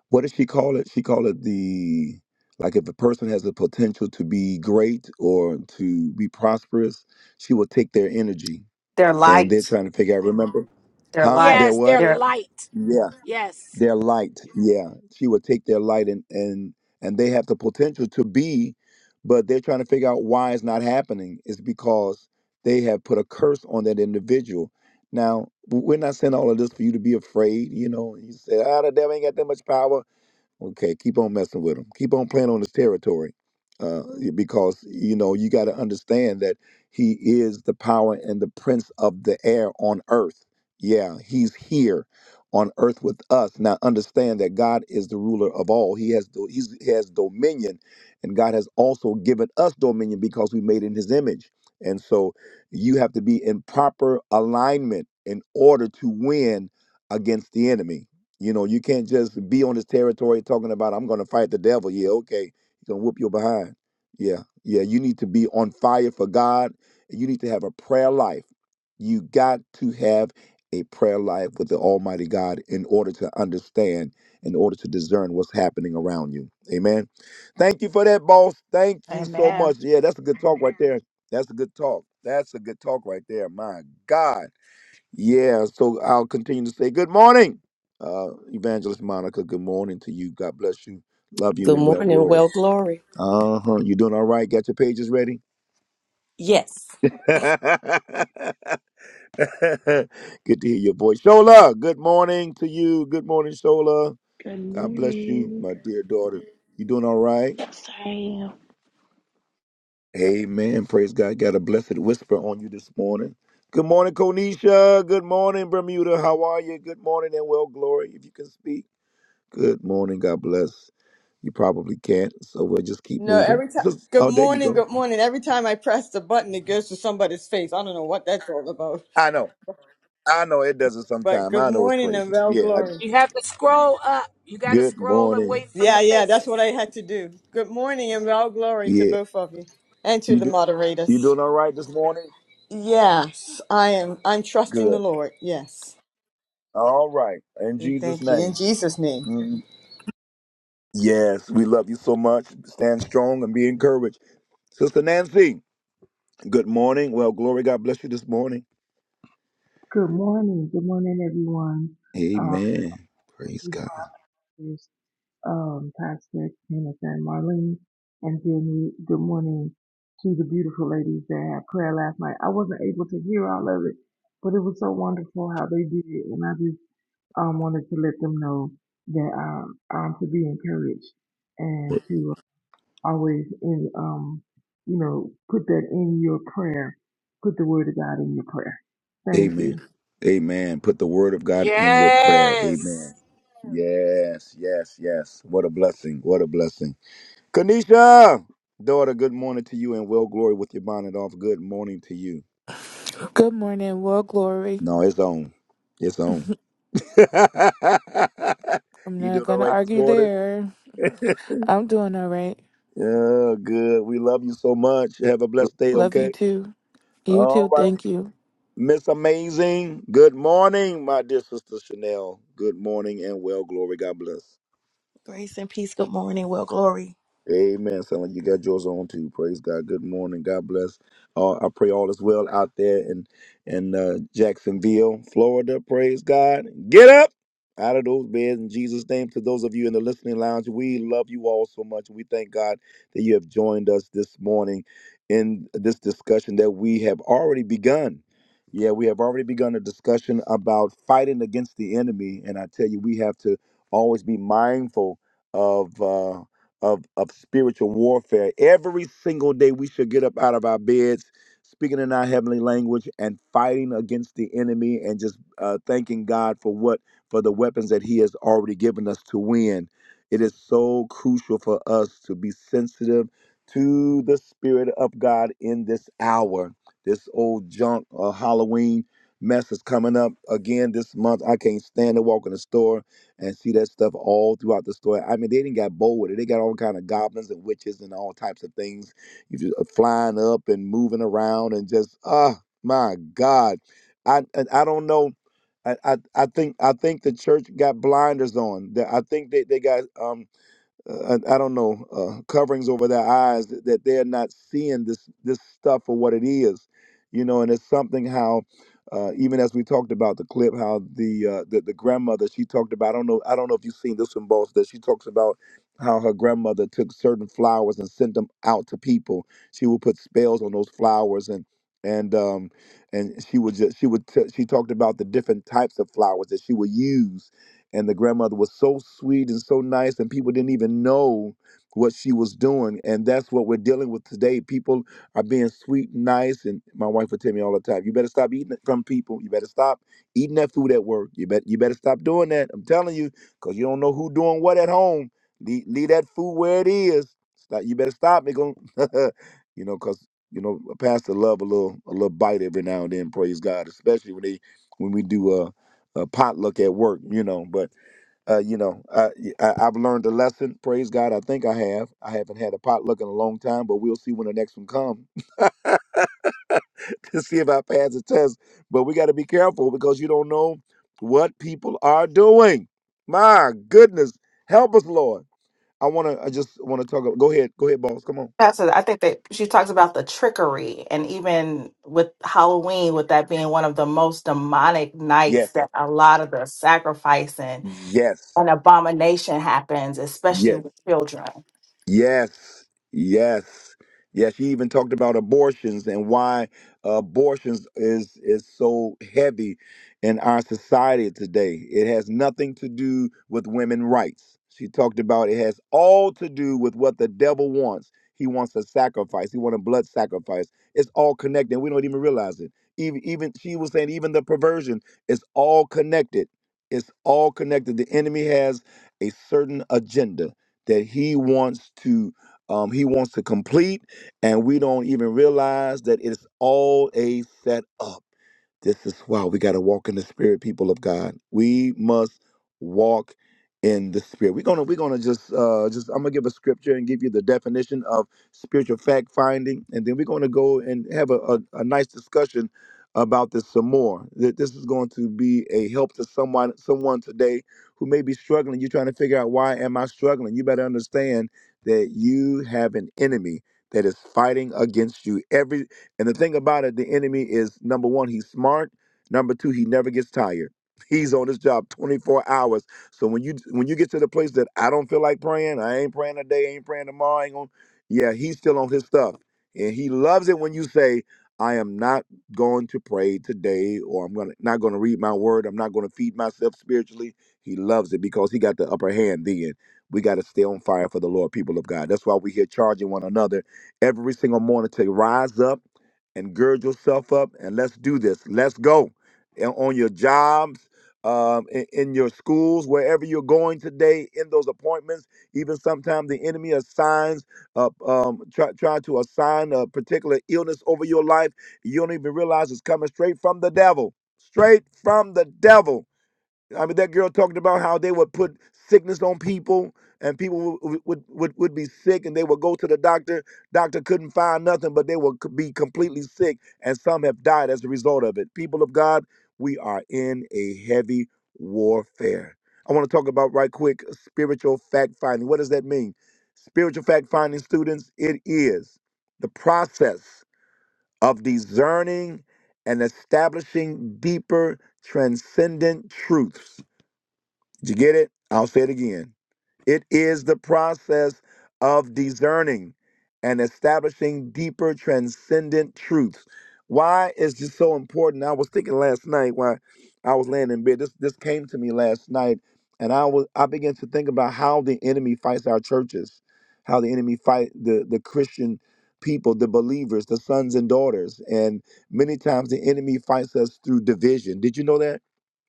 Speaker 2: what does she call it? She called it the like if a person has the potential to be great or to be prosperous, she will take their energy,
Speaker 3: They're
Speaker 2: and they're
Speaker 3: light.
Speaker 2: trying to figure out. Remember,
Speaker 3: They're
Speaker 2: huh?
Speaker 3: light.
Speaker 2: They're
Speaker 1: yes
Speaker 2: what?
Speaker 1: they're
Speaker 3: They're
Speaker 1: light
Speaker 2: Yeah
Speaker 1: yes
Speaker 2: their light yeah she would take their light and and and they have the potential to be but they're trying to figure out why it's not happening it's because they have put a curse on that individual now w- we're not saying all of this for you to be afraid you know you say ah the devil ain't got that much power Okay, keep on messing with him. Keep on playing on his territory, uh, because you know you got to understand that he is the power and the prince of the air on earth. Yeah, he's here on earth with us. Now understand that God is the ruler of all. He has do- he's, he has dominion, and God has also given us dominion because we made in His image. And so you have to be in proper alignment in order to win against the enemy. You know, you can't just be on this territory talking about I'm going to fight the devil. Yeah, okay, he's going to whoop your behind. Yeah, yeah. You need to be on fire for God, and you need to have a prayer life. You got to have a prayer life with the Almighty God in order to understand, in order to discern what's happening around you. Amen. Thank you for that, boss. Thank you so much.
Speaker 3: amen.
Speaker 2: Yeah, that's a good talk right there. That's a good talk. That's a good talk right there. My God. Yeah, so I'll continue to say good morning, uh, Evangelist Monica. Good morning to you. God bless you. Love you
Speaker 4: Good
Speaker 2: and well
Speaker 4: morning.
Speaker 2: glory.
Speaker 4: Well, glory.
Speaker 2: Uh huh. You doing all right? Got your pages ready? good to hear your voice, Shola. Good morning to you. Good morning, Shola.
Speaker 5: Good
Speaker 2: God bless you,
Speaker 5: morning.
Speaker 2: my dear daughter. You doing all right?
Speaker 5: Sorry.
Speaker 2: Amen. Praise God. Got a blessed whisper on you this morning. Good morning, Konisha. Good morning, Bermuda. How are you? Good morning and well glory. If you can speak. Good morning. God bless. You probably can't, so we'll just keep
Speaker 6: No,
Speaker 2: moving.
Speaker 6: every time.
Speaker 2: Sis-
Speaker 6: Good
Speaker 2: oh, there you
Speaker 6: morning,
Speaker 2: go.
Speaker 6: good morning. Every time I press the button, it goes to somebody's face. I don't know what that's all about.
Speaker 2: I know. I know it does it
Speaker 6: But
Speaker 2: sometime.
Speaker 6: good
Speaker 2: I know it's
Speaker 6: morning and
Speaker 2: crazy.
Speaker 6: well
Speaker 2: Yeah, I
Speaker 6: glory.
Speaker 2: know.
Speaker 1: you have to scroll up you got to
Speaker 2: Good
Speaker 1: scroll away
Speaker 2: morning.
Speaker 1: from
Speaker 6: Yeah,
Speaker 1: the
Speaker 6: yeah, that's what I
Speaker 1: faces
Speaker 6: had to do. Good morning and well glory to
Speaker 2: Yeah.
Speaker 6: both of you and to
Speaker 2: You
Speaker 6: the
Speaker 2: do, you
Speaker 6: moderators.
Speaker 2: doing all right this morning?
Speaker 6: Yes, I am. I'm trusting the
Speaker 2: Good.
Speaker 6: Lord. Yes.
Speaker 2: All right. In
Speaker 6: And
Speaker 2: Jesus'
Speaker 6: thank you. In
Speaker 2: name.
Speaker 6: Jesus' name.
Speaker 2: Mm. Yes, we love you so much. Stand strong and be encouraged. Sister Nancy, good morning. Well, glory. God bless you this morning.
Speaker 7: Good morning. Good morning, everyone. Uh,
Speaker 2: Amen. Praise
Speaker 7: two
Speaker 2: God.
Speaker 7: talkers, um, Pastor Kenneth and Marlene, and then we, good morning to the beautiful ladies that had prayer last night. I wasn't able to hear all of it, but it was so wonderful how they did it, and I just um, wanted to let them know that um, um, to be encouraged and to always in um, you know put that in your prayer, put the word of God in your prayer. Thank
Speaker 2: Amen.
Speaker 7: you.
Speaker 2: Amen. Put the word of God in your prayer.
Speaker 1: yes
Speaker 2: Amen. Yes, yes, yes. What a blessing. What a blessing. Kanisha, daughter, good morning to you and well glory with your bonnet off. Good morning to you.
Speaker 8: Good morning, well, glory.
Speaker 2: No, it's on. It's on.
Speaker 8: I'm
Speaker 2: you
Speaker 8: not
Speaker 2: doing all
Speaker 8: gonna
Speaker 2: right this
Speaker 8: argue
Speaker 2: morning?
Speaker 8: there. I'm doing all right.
Speaker 2: Yeah, good. We love you so much. Have a
Speaker 8: L-
Speaker 2: blessed day,
Speaker 8: Love you
Speaker 2: okay?
Speaker 8: too. You
Speaker 2: All
Speaker 8: too.
Speaker 2: right.
Speaker 8: Thank you.
Speaker 2: Miss Amazing, good morning, my dear sister Chanel. Good morning and well glory. God bless.
Speaker 9: Grace and peace. Good morning. Well, glory.
Speaker 2: Amen. Sound like you got yours on too. Praise God. Good morning. God bless. Uh, I pray all is well out there in in uh, Jacksonville, Florida. Praise God. Get up out of those beds in Jesus' name. To those of you in the listening lounge, we love you all so much. We thank God that you have joined us this morning in this discussion that we have already begun. Yeah, we have already begun a discussion about fighting against the enemy, and I tell you, we have to always be mindful of. Uh, of of spiritual warfare. Every single day we should get up out of our beds, speaking in our heavenly language and fighting against the enemy and just uh, thanking God for what for the weapons that he has already given us to win. It is so crucial for us to be sensitive to the spirit of God in this hour. This old junk or Halloween mess is coming up again this month. I can't stand to walk in the store and see that stuff all throughout the story. I mean, they didn't got bold with it. They got all kind of goblins and witches and all types of things. You just uh, flying up and moving around and just ah, my God, I and I don't know. I, I I think I think the church got blinders on. That I think they they got um uh, I, I don't know uh, coverings over their eyes that, that they're not seeing this this stuff for what it is, you know. And it's something how uh, even as we talked about the clip, how the, uh, the the grandmother she talked about. I don't know. I don't know if you've seen this one, boss. That she talks about how her grandmother took certain flowers and sent them out to people. She would put spells on those flowers and. And um, and she would just she would t- she talked about the different types of flowers that she would use and the grandmother was so sweet and so nice and people didn't even know what she was doing and that's what we're dealing with today people are being sweet and nice and my wife would tell me all the time you better stop eating it from people you better stop eating that food at work you bet you better stop doing that i'm telling you because you don't know who doing what at home leave, leave that food where it is stop, you better stop it you know because you know a pastor love a little a little bite every now and then praise god especially when they when we do a, a potluck at work you know but uh, you know, I, I I've learned a lesson. Praise God, I think I have. I haven't had a potluck in a long time, but we'll see when the next one comes to see if I pass the test. But we got to be careful because you don't know what people are doing. My goodness, help us, Lord. I want to. I just want to talk. About, go ahead. Go ahead, boss. Come on.
Speaker 3: That's it. I think that she talks about the trickery, and even with Halloween, with that being one of the most demonic nights,
Speaker 2: Yes.
Speaker 3: that a lot of the sacrificing
Speaker 2: Yes.
Speaker 3: and abomination happens, especially
Speaker 2: Yes.
Speaker 3: with children.
Speaker 2: Yes, yes, yes. She even talked about abortions and why abortions is is so heavy in our society today. It has nothing to do with women rights. She talked about it has all to do with what the devil wants. He wants a sacrifice. He wants a blood sacrifice. It's all connected. We don't even realize it. Even even she was saying even the perversion is all connected. It's all connected. The enemy has a certain agenda that he wants to um, he wants to complete and we don't even realize that it's all a set up this is why we got to walk in the spirit people of god we must walk in the spirit we're gonna we're gonna just uh just i'm gonna give a scripture and give you the definition of spiritual fact finding and then we're gonna go and have a, a, a nice discussion about this some more Th- this is going to be a help to someone someone today who may be struggling, you're trying to figure out why am I struggling? You better understand that you have an enemy that is fighting against you. Every and the thing about it, the enemy is number one, he's smart. Number two, he never gets tired. He's on his job 24 hours. So when you when you get to the place that I don't feel like praying, I ain't praying today, I ain't praying tomorrow, I ain't going yeah, he's still on his stuff. And he loves it when you say, I am not going to pray today, or I'm gonna not gonna read my word, I'm not gonna feed myself spiritually. He loves it because he got the upper hand then. We got to stay on fire for the Lord, people of God. That's why we're here charging one another every single morning to rise up and gird yourself up and let's do this. Let's go. And on your jobs, um, in, in your schools, wherever you're going today, in those appointments, even sometimes the enemy assigns, uh, um, try, try to assign a particular illness over your life. You don't even realize it's coming straight from the devil. Straight from the devil I mean, that girl talked about how they would put sickness on people, and people would would, would would be sick, and they would go to the doctor. Doctor couldn't find nothing, but they would c- be completely sick, and some have died as a result of it. People of God, we are in a heavy warfare. I want to talk about right quick spiritual fact finding. What does that mean? Spiritual fact finding, students, it is the process of discerning and establishing deeper, transcendent truths did you get it? I'll say it again. It is the process of discerning and establishing deeper transcendent truths. Why is this so important? I was thinking last night while I was laying in bed. This this came to me last night, and I was I began to think about how the enemy fights our churches, how the enemy fight the the Christian people, the believers, the sons and daughters, and many times the enemy fights us through division. Did you know that?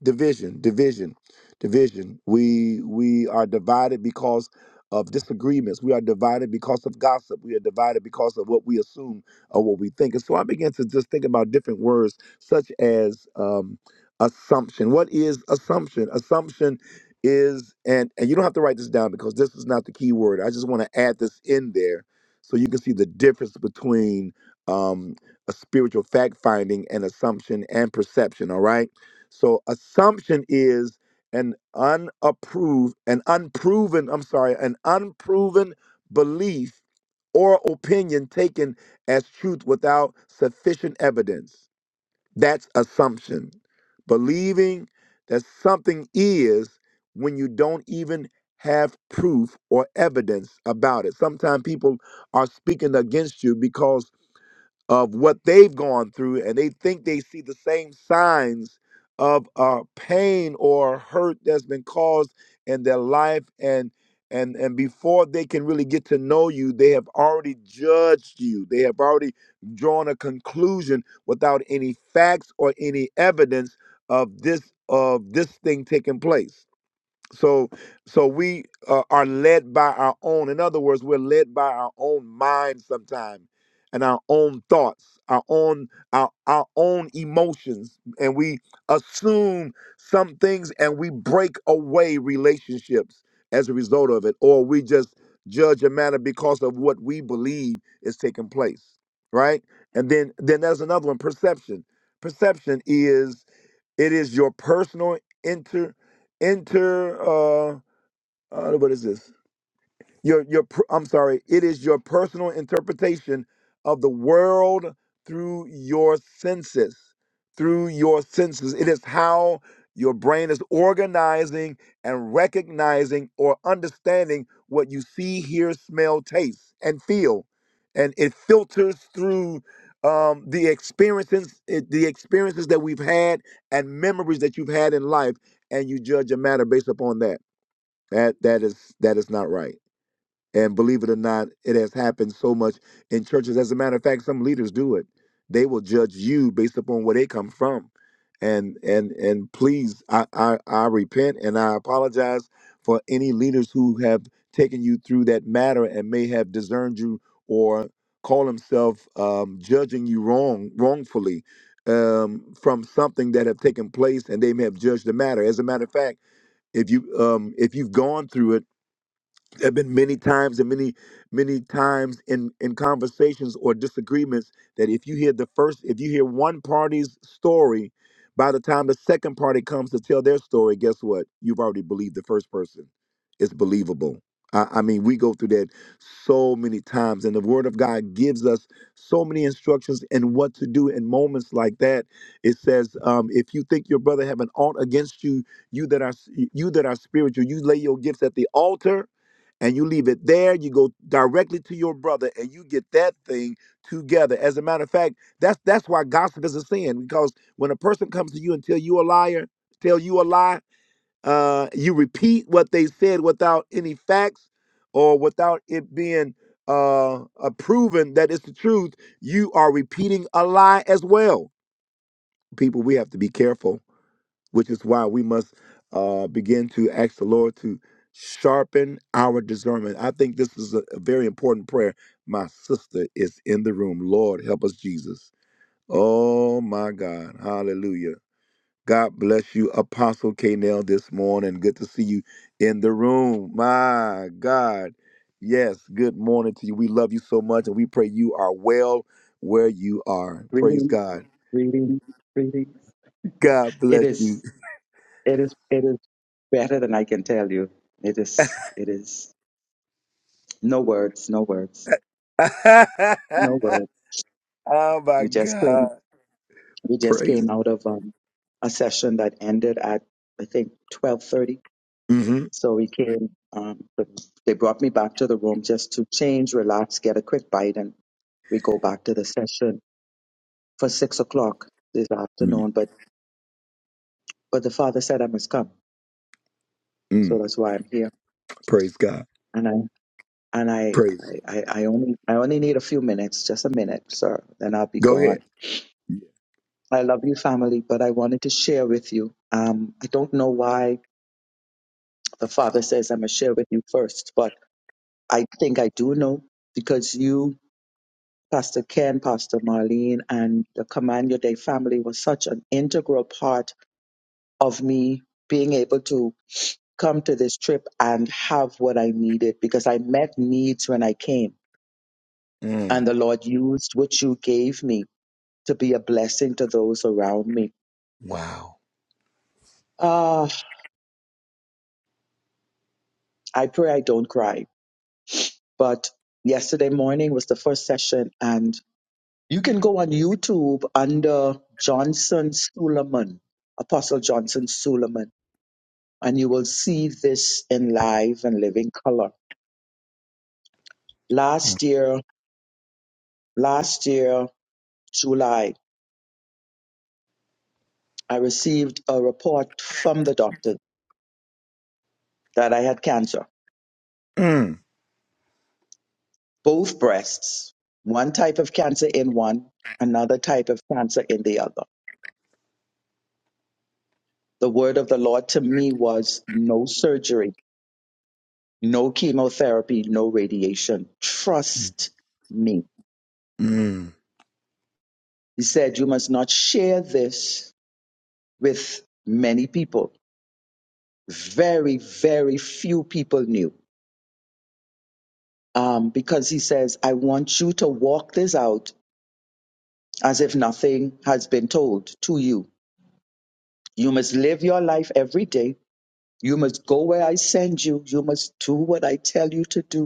Speaker 2: Division, division division. We we are divided because of disagreements. We are divided because of gossip. We are divided because of what we assume or what we think. And so I began to just think about different words such as um, assumption. What is assumption? Assumption is and and you don't have to write this down because this is not the key word. I just want to add this in there so you can see the difference between um, a spiritual fact finding and assumption and perception. All right. So assumption is an unapproved, an unproven, I'm sorry, an unproven belief or opinion taken as truth without sufficient evidence. That's assumption. Believing that something is when you don't even have proof or evidence about it. Sometimes people are speaking against you because of what they've gone through and they think they see the same signs of uh, pain or hurt that's been caused in their life and and and before they can really get to know you they have already judged you they have already drawn a conclusion without any facts or any evidence of this of this thing taking place so so we uh, are led by our own in other words we're led by our own mind sometimes and our own thoughts our own our, our own emotions and we assume some things and we break away relationships as a result of it or we just judge a matter because of what we believe is taking place right and then then there's another one perception perception is it is your personal inter inter uh, uh what is this? your your per- I'm sorry, it is your personal interpretation of the world through your senses, through your senses. It is how your brain is organizing and recognizing or understanding what you see, hear, smell, taste, and feel, and it filters through um, the experiences, it, the experiences that we've had, and memories that you've had in life, and you judge a matter based upon that. That that is that is not right. And believe it or not, it has happened so much in churches. As a matter of fact, some leaders do it. They will judge you based upon where they come from. And and and please, I I, I repent and I apologize for any leaders who have taken you through that matter and may have discerned you or call themselves um, judging you wrong wrongfully um, from something that have taken place, and they may have judged the matter. As a matter of fact, if you um, if you've gone through it there have been many times and many many times in in conversations or disagreements that if you hear the first if you hear one party's story by the time the second party comes to tell their story guess what you've already believed the first person it's believable I, I mean we go through that so many times and the word of god gives us so many instructions and what to do in moments like that it says um, if you think your brother have an aught against you you that are you that are spiritual you lay your gifts at the altar and you leave it there. You go directly to your brother and you get that thing together. As a matter of fact, that's that's why gossip is a sin because when a person comes to you and tell you a liar, tell you a lie, uh, you repeat what they said without any facts or without it being uh, uh proven that it's the truth. You are repeating a lie as well. People, we have to be careful which is why we must uh, begin to ask the Lord to sharpen our discernment. I think this is a, a very important prayer. My sister is in the room. Lord, help us, Jesus. Oh my God. Hallelujah. God bless you, Apostle K. Nell, this morning. Good to see you in the room. My God. Yes, good morning to you. We love you so much and we pray you are well where you are. Praise
Speaker 10: Greetings,
Speaker 2: God.
Speaker 10: greetings, greetings.
Speaker 2: God
Speaker 10: It
Speaker 2: bless you.
Speaker 10: is, it is, it is better than I can tell you. It is, it is. No words, no words, no words.
Speaker 2: Oh my
Speaker 10: We just came,
Speaker 2: God.
Speaker 10: we just
Speaker 2: Praise.
Speaker 10: came out of um, a session that ended at I think twelve thirty.
Speaker 2: hmm
Speaker 10: So we came. Um, they brought me back to the room just to change, relax, get a quick bite, and we go back to the session for six o'clock this
Speaker 2: mm
Speaker 10: afternoon. But but the father said I must come, so
Speaker 2: Mm.
Speaker 10: that's why I'm here
Speaker 2: Praise God.
Speaker 10: and I. and I,
Speaker 2: Praise.
Speaker 10: I, I I only, I only need a few minutes, just a minute, sir. Then I'll be
Speaker 2: Go ahead.
Speaker 10: gone. I love you, family, but I wanted to share with you. Um, I don't know why the father says I must share with you first, but I think I do know because you, Pastor Ken, Pastor Marlene, and the Command Your Day family was such an integral part of me being able to come to this trip and have what I needed because I met needs when I came, and
Speaker 2: Mm.
Speaker 10: the Lord used what you gave me to be a blessing to those around me.
Speaker 2: Wow.
Speaker 10: Ah, I pray I don't cry. But yesterday morning was the first session, and you can go on YouTube under Johnson Suleiman, Apostle Johnson Suleiman, and you will see this in live and living color. Last year, last year, July, I received a report from the doctor that I had cancer,
Speaker 2: Mm.
Speaker 10: both breasts, one type of cancer in one, another type of cancer in the other The word of the Lord to me was no surgery, no chemotherapy, no radiation. Trust me.
Speaker 2: Mm.
Speaker 10: He said, You must not share this with many people. Very, very few people knew. Um, because he says, I want you to walk this out as if nothing has been told to you. You must live your life every day. You must go where I send you. You must do what I tell you to do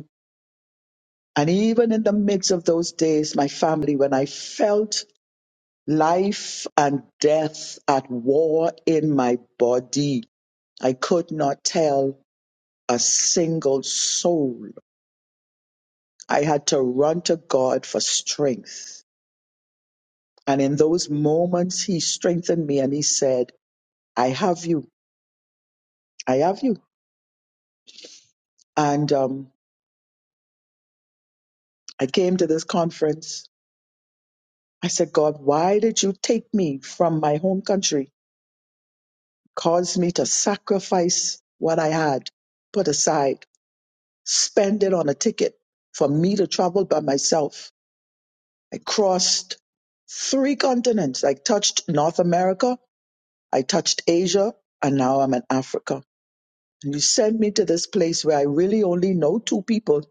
Speaker 10: And even in the midst of those days, my family, when I felt life and death at war in my body, I could not tell a single soul. I had to run to God for strength. And in those moments, He strengthened me and He said, I have you. I have you. And um, I came to this conference. I said, God, why did you take me from my home country? caused me to sacrifice what I had put aside, spend it on a ticket for me to travel by myself. I crossed three continents. I touched North America, I touched Asia, and now I'm in Africa. And you sent me to this place where I really only know two people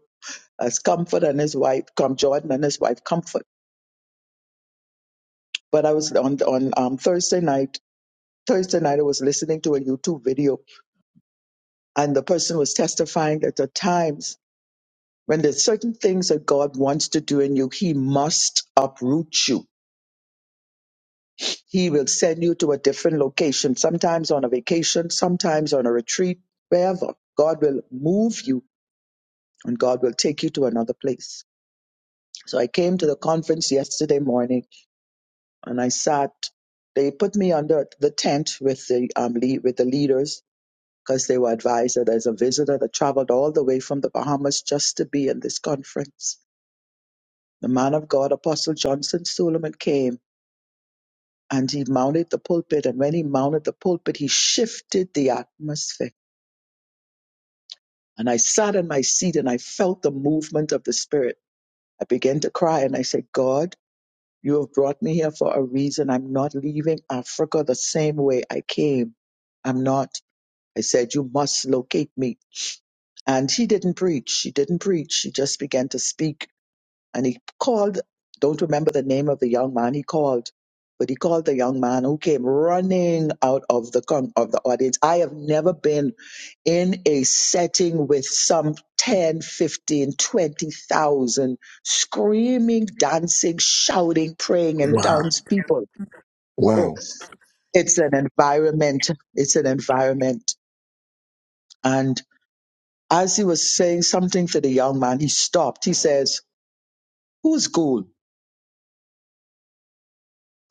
Speaker 10: as Comfort and his wife, come Jordan and his wife, Comfort. But I was on on um, Thursday night. Thursday night, I was listening to a YouTube video, and the person was testifying that at times. When there's certain things that God wants to do in you, He must uproot you. He will send you to a different location, sometimes on a vacation, sometimes on a retreat, wherever. God will move you and God will take you to another place. So I came to the conference yesterday morning and I sat. They put me under the tent with the um, lead, with the leaders because they were advised that there's a visitor that traveled all the way from the Bahamas just to be in this conference. The man of God, Apostle Johnson Suleiman, came and he mounted the pulpit. And when he mounted the pulpit, he shifted the atmosphere. And I sat in my seat and I felt the movement of the Spirit. I began to cry and I said, God, you have brought me here for a reason. I'm not leaving Africa the same way I came. I'm not. I said, You must locate me. And he didn't preach. He didn't preach. He just began to speak and he called don't remember the name of the young man he called but he called the young man who came running out of the con- of the audience i have never been in a setting with some 10, 15, 20,000 screaming dancing shouting praying and
Speaker 2: Wow.
Speaker 10: townspeople
Speaker 2: Wow.
Speaker 10: it's an environment it's an environment and as he was saying something to the young man he stopped he says who's cool?"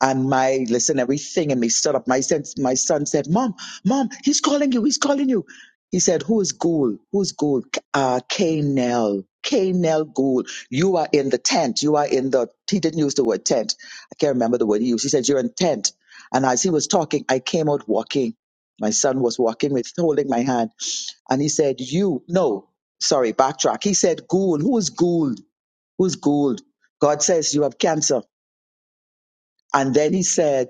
Speaker 10: And my listen, everything and me stood up. My son, my son said, Mom, Mom, he's calling you, he's calling you. He said, Who's Gould? Who's Gould? Uh K Nell. K Nell Gould. You are in the tent. You are in the he didn't use the word tent. I can't remember the word he used. He said, You're in tent. And as he was talking, I came out walking. My son was walking with holding my hand. And he said, You no, sorry, backtrack. He said, Gould, who is Gould? Who's Gould? God says you have cancer. And then he said,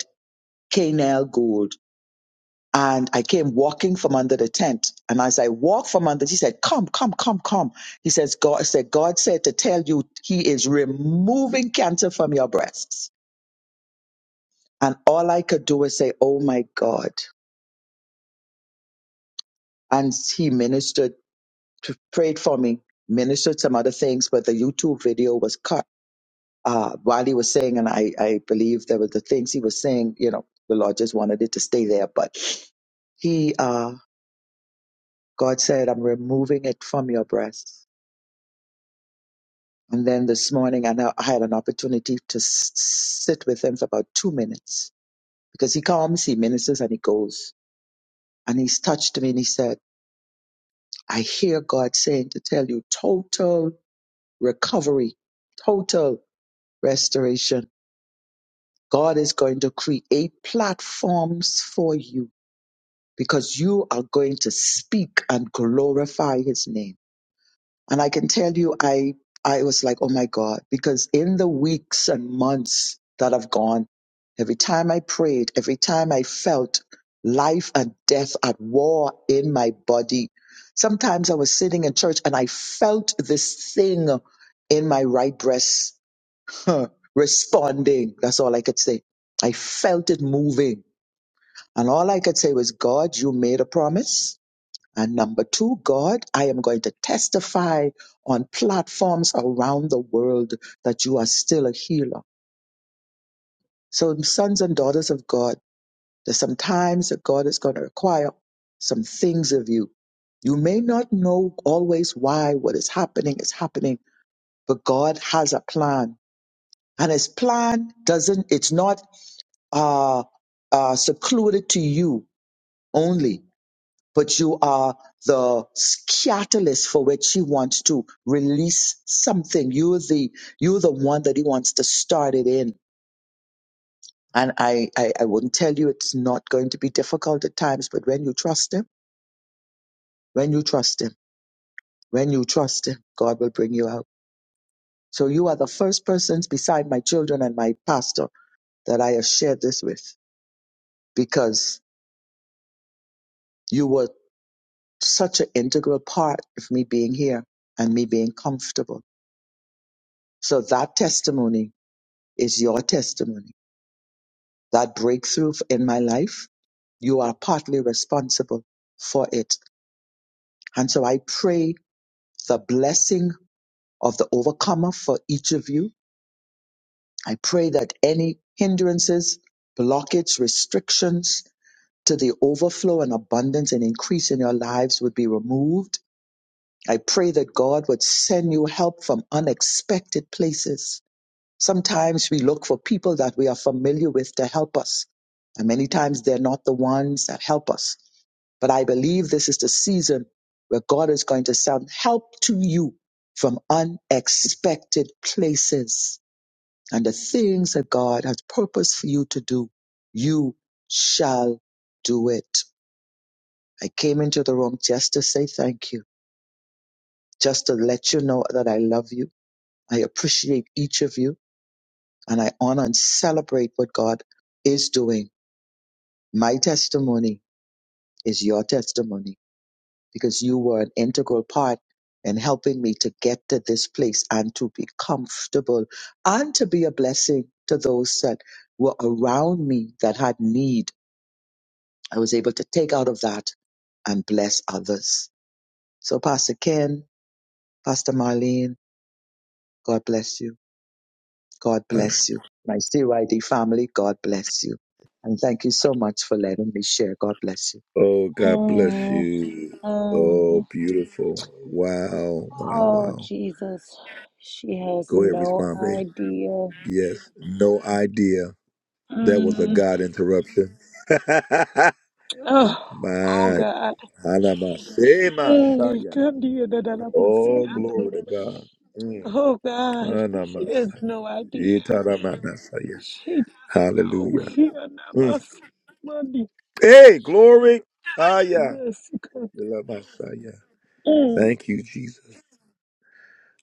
Speaker 10: Canel Gold. And I came walking from under the tent. And as I walked from under, he said, Come, come, come, come. He says, God said, God said to tell you he is removing cancer from your breasts. And all I could do was say, Oh my God. And he ministered, p- prayed for me, ministered some other things, but the YouTube video was cut. Uh, while he was saying, and I, I believe there were the things he was saying, you know, the Lord just wanted it to stay there, but he, uh, God said, I'm removing it from your breast. And then this morning, I, know I had an opportunity to s- sit with him for about two minutes because he comes, he ministers, and he goes. And he's touched me and he said, I hear God saying to tell you total recovery, total restoration. God is going to create platforms for you because you are going to speak and glorify his name And I can tell you, I, I was like, oh my God, because in the weeks and months that have gone, every time I prayed, every time I felt life and death at war in my body, sometimes I was sitting in church and I felt this thing in my right breast responding. That's all I could say. I felt it moving. And all I could say was, God, you made a promise and number two, God, I am going to testify on platforms around the world that you are still a healer. So, sons and daughters of God, there's some times that God is going to require some things of you. You may not know always why what is happening is happening, but God has a plan. And his plan doesn't, it's not uh, uh, secluded to you only. but you are the catalyst for which he wants to release something. You're the you're the one that he wants to start it in. And I, I, I wouldn't tell you it's not going to be difficult at times, but when you trust him, when you trust him, when you trust him, God will bring you out. So you are the first persons beside my children and my pastor that I have shared this with because you were such an integral part of me being here and me being comfortable. So that testimony is your testimony. That breakthrough in my life, you are partly responsible for it. And so I pray the blessing of the overcomer for each of you. I pray that any hindrances, blockage, restrictions to the overflow and abundance and increase in your lives would be removed. I pray that God would send you help from unexpected places Sometimes we look for people that we are familiar with to help us. And many times they're not the ones that help us. But I believe this is the season where God is going to send help to you from unexpected places. And the things that God has purposed for you to do, you shall do it. I came into the room just to say thank you, just to let you know that I love you. I appreciate each of you. and I honor and celebrate what God is doing. My testimony is your testimony because you were an integral part in helping me to get to this place and to be comfortable and to be a blessing to those that were around me that had need. I was able to take out of that and bless others. So, Pastor Ken, Pastor Marlene, God bless you. God
Speaker 2: Uh,
Speaker 10: bless you. My CYD family, God bless you. And thank you so much for letting me share. God bless you.
Speaker 2: Oh, God bless you. Oh, beautiful. Wow. Wow.
Speaker 1: Oh,
Speaker 2: Wow.
Speaker 1: Jesus. She has
Speaker 2: Go ahead,
Speaker 1: no
Speaker 2: respond, babe.
Speaker 1: idea.
Speaker 2: Yes. No idea. That was a
Speaker 1: Mm.
Speaker 2: God interruption.
Speaker 1: Oh, oh,
Speaker 2: My.
Speaker 1: God.
Speaker 2: Anamashema
Speaker 1: Mm.
Speaker 2: shaya.
Speaker 1: Come here, da, da, da, ba, si,
Speaker 2: Oh,
Speaker 1: and-
Speaker 2: glory to God.
Speaker 1: Oh, God. She
Speaker 2: Mm.
Speaker 1: has no idea.
Speaker 2: Yitaramanasaya.
Speaker 1: She doesn't know.
Speaker 2: Hallelujah.
Speaker 1: Here, na,
Speaker 2: Mm.
Speaker 1: ba, si, Monday.
Speaker 2: Hey, glory. Ah,
Speaker 1: Ah, yeah,
Speaker 2: yeah.
Speaker 1: si, God.
Speaker 2: We love Messiah.
Speaker 1: Mm.
Speaker 2: Thank you, Jesus.